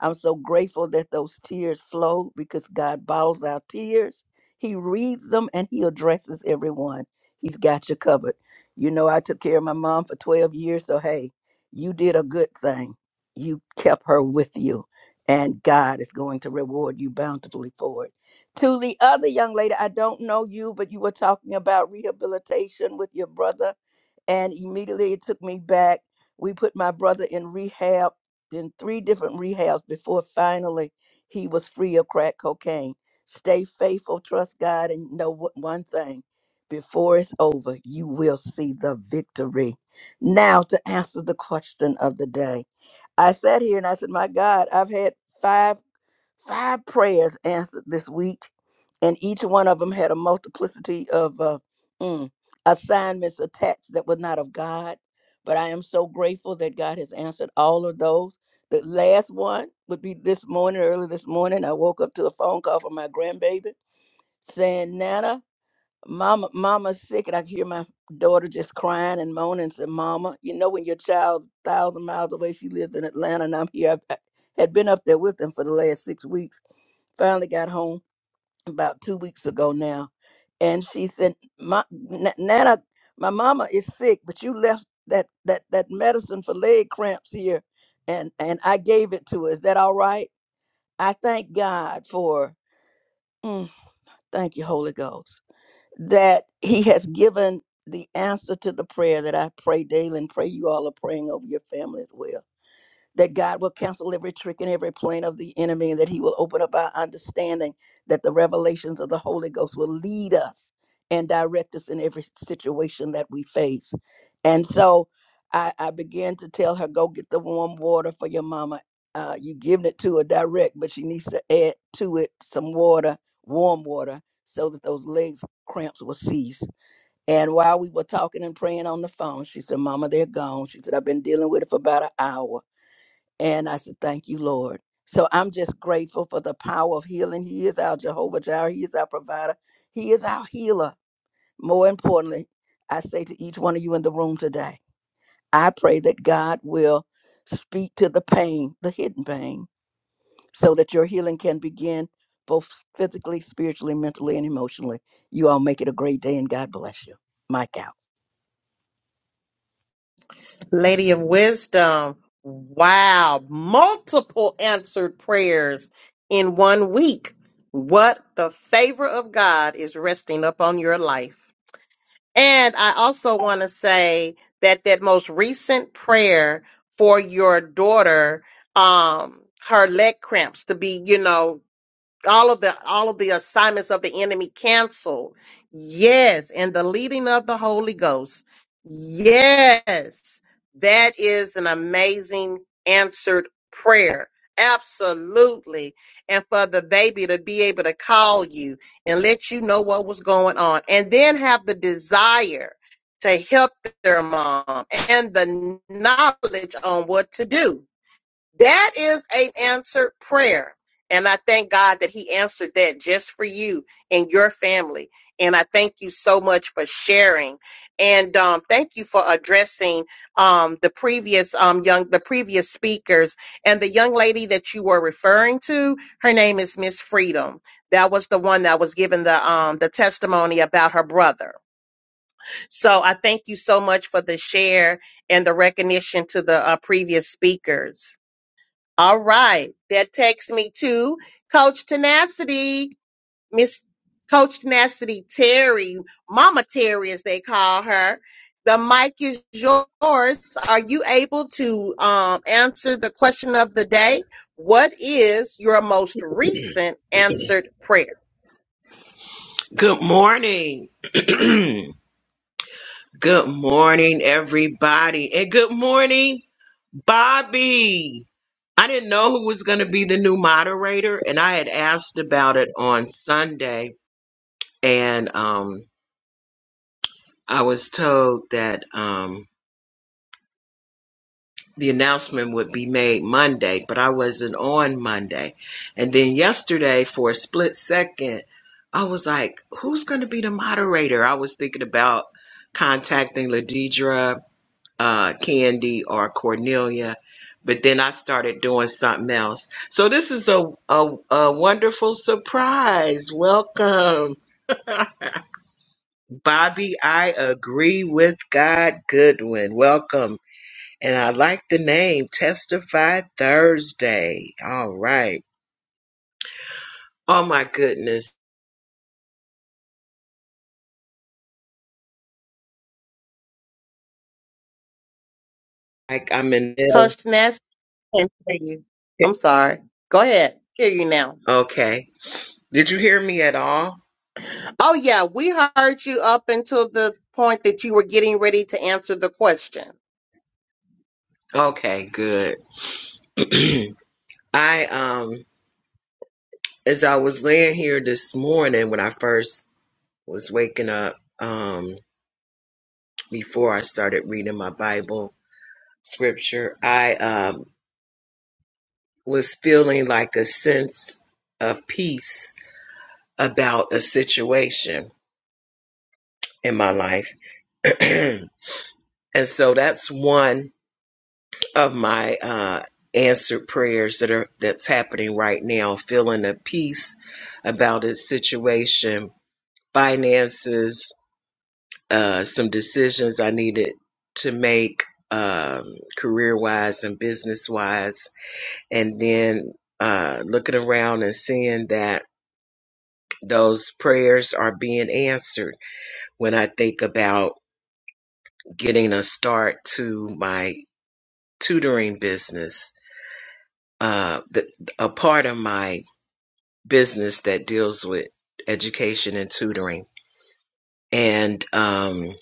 I'm so grateful that those tears flow because God bottles our tears. He reads them and He addresses everyone. He's got you covered. You know, I took care of my mom for 12 years, so hey, you did a good thing. You kept her with you, and God is going to reward you bountifully for it. To the other young lady, I don't know you, but you were talking about rehabilitation with your brother, and immediately it took me back. We put my brother in rehab in three different rehabs before finally he was free of crack cocaine. Stay faithful, trust God, and know what- one thing before it's over, you will see the victory. Now, to answer the question of the day, I sat here and I said, My God, I've had five. Five prayers answered this week, and each one of them had a multiplicity of uh, mm, assignments attached that were not of God. But I am so grateful that God has answered all of those. The last one would be this morning, early this morning. I woke up to a phone call from my grandbaby saying, Nana, mama, mama's sick. And I could hear my daughter just crying and moaning and said, Mama, you know, when your child's thousand miles away, she lives in Atlanta, and I'm here. I I had been up there with them for the last six weeks finally got home about two weeks ago now, and she said, "My N- Nana, my mama is sick, but you left that that that medicine for leg cramps here, and and I gave it to her. Is that all right?" I thank God for, mm, thank you, Holy Ghost, that He has given the answer to the prayer that I pray daily, and pray you all are praying over your family as well that God will cancel every trick and every plan of the enemy, and that He will open up our understanding, that the revelations of the Holy Ghost will lead us and direct us in every situation that we face. And so I, I began to tell her, go get the warm water for your mama. Uh, you giving it to her direct, but she needs to add to it some water, warm water, so that those legs cramps will cease. And while we were talking and praying on the phone, she said, Mama, they're gone. She said, I've been dealing with it for about an hour. And I said, Thank you, Lord. So I'm just grateful for the power of healing. He is our Jehovah Jireh. He is our provider. He is our healer. More importantly, I say to each one of you in the room today, I pray that God will speak to the pain, the hidden pain, so that your healing can begin both physically, spiritually, mentally, and emotionally. You all make it a great day, and God bless you. Mike out. Lady of Wisdom. Wow. Multiple answered prayers in one week. What the favor of God is resting upon your life. And I also want to say that that most recent prayer for your daughter, um, her leg cramps to be, you know, all of the all of the assignments of the enemy canceled. Yes, and the leading of the Holy Ghost. Yes. That is an amazing answered prayer. Absolutely. And for the baby to be able to call you and let you know what was going on and then have the desire to help their mom and the knowledge on what to do that is an answered prayer. And I thank God that He answered that just for you and your family. And I thank you so much for sharing. And um, thank you for addressing um, the previous um, young, the previous speakers, and the young lady that you were referring to. Her name is Miss Freedom. That was the one that was given the um, the testimony about her brother. So I thank you so much for the share and the recognition to the uh, previous speakers. All right. That takes me to Coach Tenacity, Miss Coach Tenacity Terry, Mama Terry, as they call her. The mic is yours. Are you able to um, answer the question of the day? What is your most recent answered prayer? Good morning. good morning, everybody. And good morning, Bobby. I didn't know who was going to be the new moderator, and I had asked about it on Sunday. And um, I was told that um, the announcement would be made Monday, but I wasn't on Monday. And then yesterday, for a split second, I was like, who's going to be the moderator? I was thinking about contacting Ladidra uh, Candy or Cornelia, but then I started doing something else. So this is a, a, a wonderful surprise. Welcome, Bobby. I agree with God Goodwin. Welcome. And I like the name Testify Thursday. All right. Oh my goodness. Like I'm in. Coach Tenacity, I can't hear you. I'm sorry. Go ahead. Hear you now. Okay. Did you hear me at all? Oh, yeah. We heard you up until the point that you were getting ready to answer the question. Okay, good. I um as I was laying here this morning when I first was waking up um, before I started reading my Bible scripture, I um, was feeling like a sense of peace about a situation in my life. and so that's one of my uh, answered prayers that are that's happening right now, feeling a peace about a situation, finances, uh, some decisions I needed to make um, career wise and business wise. And then uh, looking around and seeing that those prayers are being answered when I think about getting a start to my tutoring business, uh, the, a part of my business that deals with education and tutoring. And um,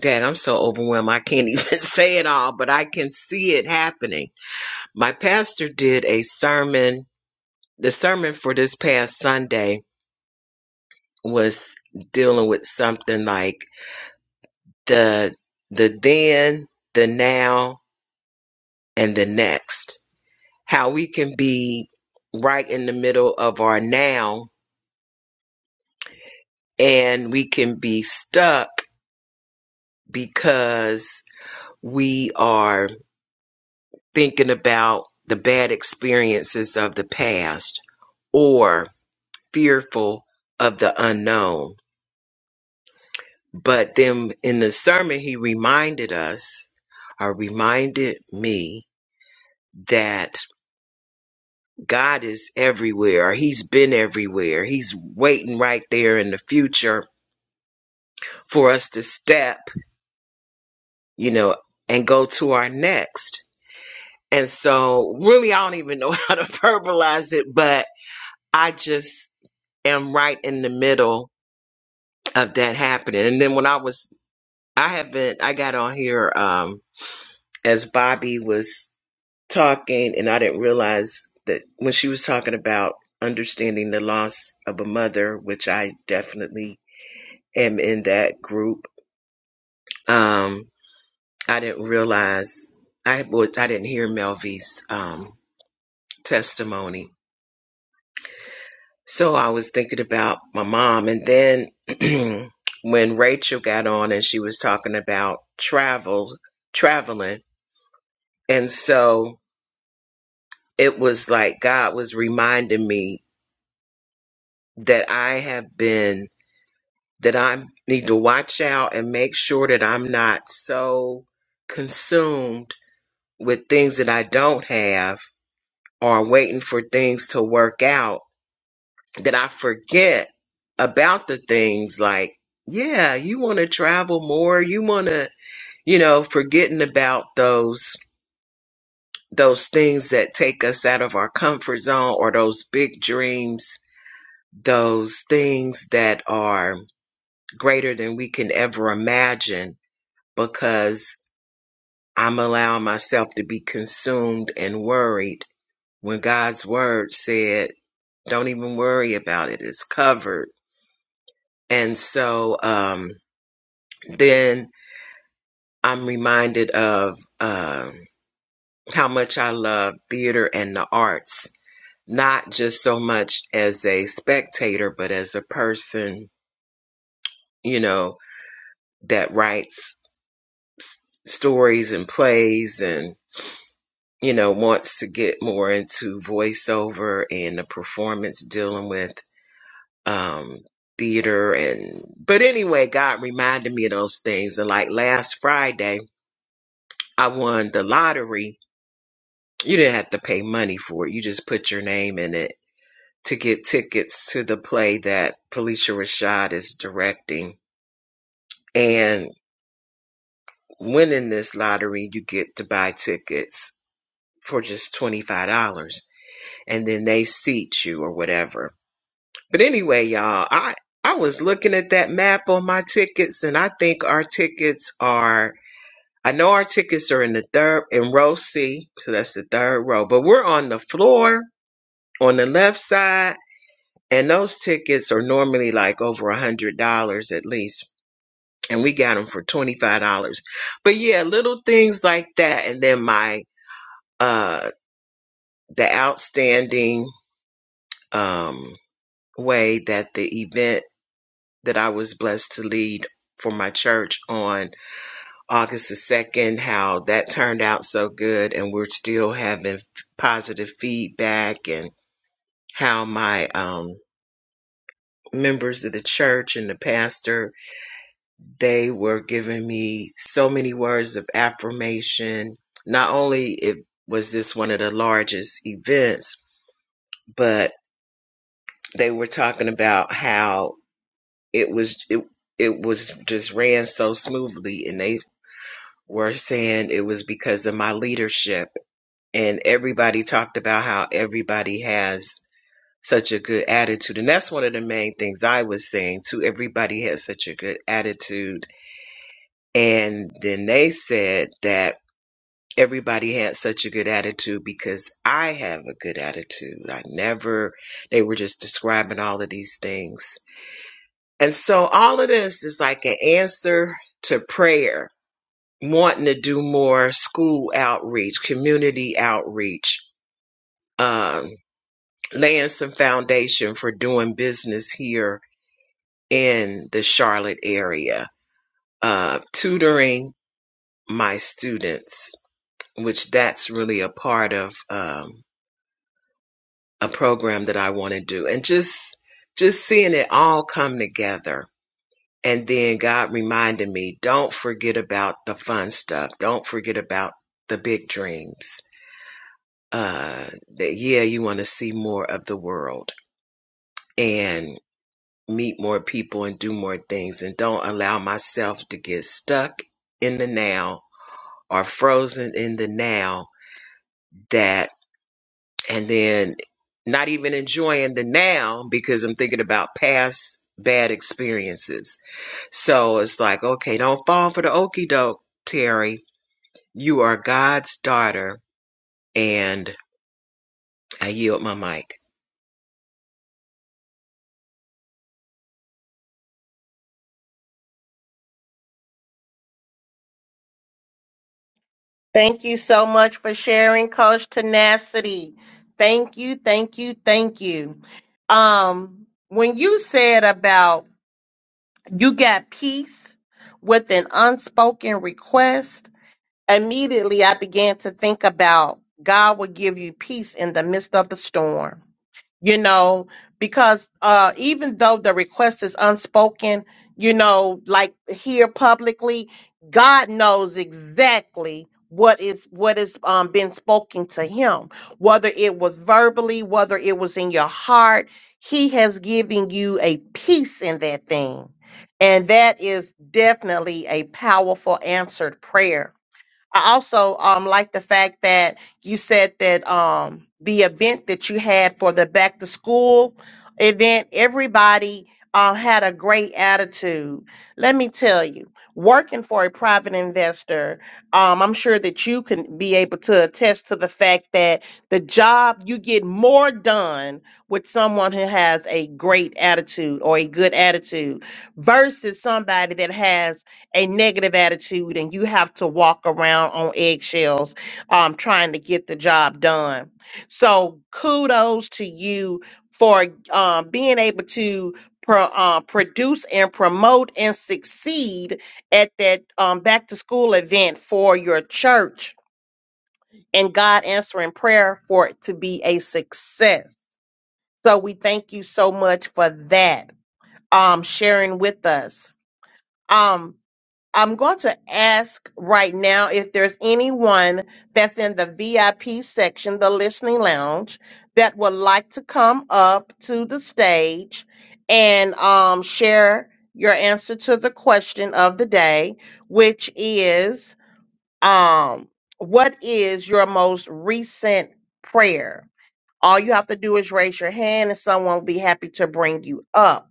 dang, I'm so overwhelmed. I can't even say it all, but I can see it happening my pastor did a sermon. The sermon for this past Sunday was dealing with something like the the then, the now, and the next. How we can be right in the middle of our now and we can be stuck because we are thinking about the bad experiences of the past or fearful of the unknown But then in the sermon, he reminded us, or reminded me, that God is everywhere. He's been everywhere. He's waiting right there in the future for us to step, you know, and go to our next. And so, really, I don't even know how to verbalize it, but I just am right in the middle of that happening. And then when I was, I haven't, I got on here um, as Bobby was talking and I didn't realize that when she was talking about understanding the loss of a mother, which I definitely am in that group. Um, I didn't realize I was I didn't hear Melvy's um testimony. So I was thinking about my mom and then when Rachel got on and she was talking about travel traveling and so it was like God was reminding me that I have been that I need to watch out and make sure that I'm not so consumed with things that I don't have or waiting for things to work out that I forget about the things like, yeah, you want to travel more. You want to, you know, forgetting about those, those things that take us out of our comfort zone or those big dreams, those things that are greater than we can ever imagine because I'm allowing myself to be consumed and worried when God's word said, don't even worry about it. It's covered. And so, um, then I'm reminded of, um, how much I love theater and the arts, not just so much as a spectator, but as a person, you know, that writes s- stories and plays and. you know, wants to get more into voiceover and the performance dealing with um theater and but anyway, God reminded me of those things. And like last Friday, I won the lottery. You didn't have to pay money for it. You just put your name in it to get tickets to the play that Felicia Rashad is directing. And winning this lottery, you get to buy tickets for just $25 and then they seat you or whatever But anyway, y'all, I I was looking at that map on my tickets, and I think our tickets are. I know our tickets are in the third in row C, so that's the third row. But we're on the floor on the left side, and those tickets are normally like over a hundred dollars at least, and we got them for twenty five dollars. But yeah, little things like that, and then my uh the outstanding um way that the event that I was blessed to lead for my church on August the 2nd, how that turned out so good. And we're still having positive feedback and how my, um, members of the church and the pastor, they were giving me so many words of affirmation. Not only it was this one of the largest events, but they were talking about how it was, it, it was just ran so smoothly and they were saying it was because of my leadership. And everybody talked about how everybody has such a good attitude. And that's one of the main things I was saying too. Everybody has such a good attitude. And then they said that everybody had such a good attitude because I have a good attitude. I never, they were just describing all of these things. And so all of this is like an answer to prayer wanting to do more school outreach, community outreach, um, laying some foundation for doing business here in the Charlotte area, uh, tutoring my students, which that's really a part of um, a program that I want to do, and just just seeing it all come together. And then God reminded me, don't forget about the fun stuff. Don't forget about the big dreams uh, that yeah, you want to see more of the world and meet more people and do more things and don't allow myself to get stuck in the now or frozen in the now that and then not even enjoying the now because I'm thinking about past bad experiences. So it's like, okay, don't fall for the okey doke, Terry. You are God's daughter and I yield my mic. Thank you so much for sharing, Coach Tenacity. Thank you, thank you, thank you. Um, when you said about you got peace with an unspoken request, immediately I began to think about God will give you peace in the midst of the storm you know, because uh, even though the request is unspoken, you know, like here publicly, God knows exactly what is what is um been spoken to him, whether it was verbally, whether it was in your heart, he has given you a peace in that thing. And that is definitely a powerful answered prayer I also um like the fact that you said that um the event that you had for the back to school event, everybody uh, had a great attitude. Let me tell you, working for a private investor, um, I'm sure that you can be able to attest to the fact that the job you get more done with someone who has a great attitude or a good attitude versus somebody that has a negative attitude and you have to walk around on eggshells um, trying to get the job done. So kudos to you for um, being able to pro, uh, produce and promote and succeed at that um, back to school event for your church and God answering prayer for it to be a success. So we thank you so much for that um, sharing with us. um. I'm going to ask right now if there's anyone that's in the VIP section, the listening lounge, that would like to come up to the stage and um, share your answer to the question of the day, which is um, what is your most recent prayer? All you have to do is raise your hand and someone will be happy to bring you up.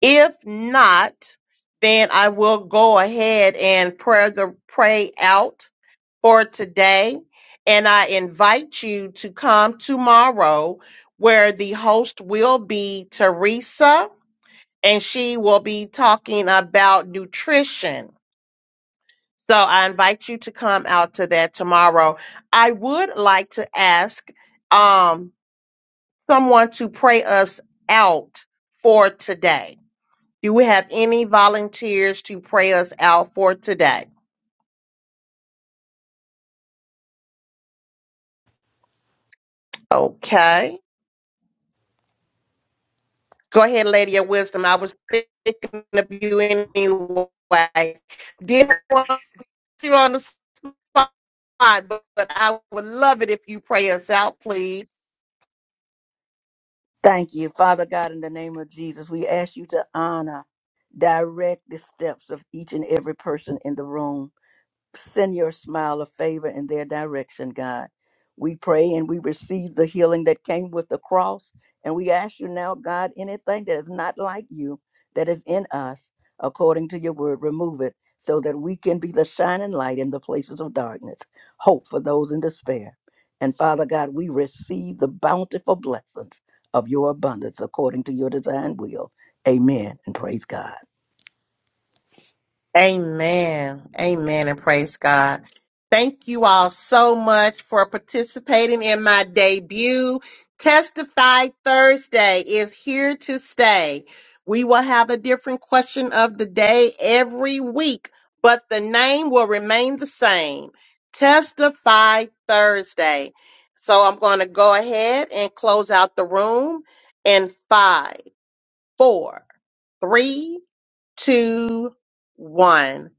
If not, then I will go ahead and pray the pray out for today. And I invite you to come tomorrow where the host will be Teresa and she will be talking about nutrition. So I invite you to come out to that tomorrow. I would like to ask um, someone to pray us out for today. Do we have any volunteers to pray us out for today? Okay. Go ahead, Lady of Wisdom. I was thinking of you anyway. Didn't want you on the spot, but I would love it if you pray us out, please. Thank you, Father God, in the name of Jesus. We ask you to honor, direct the steps of each and every person in the room. Send your smile of favor in their direction, God. We pray and we receive the healing that came with the cross. And we ask you now, God, anything that is not like you, that is in us, according to your word, remove it so that we can be the shining light in the places of darkness, hope for those in despair. And Father God, we receive the bountiful blessings of your abundance according to your design will. Amen. And praise God. Amen. Amen. And praise God. Thank you all so much for participating in my debut. Testify Thursday is here to stay. We will have a different question of the day every week, but the name will remain the same. Testify Thursday. So I'm going to go ahead and close out the room in five, four, three, two, one.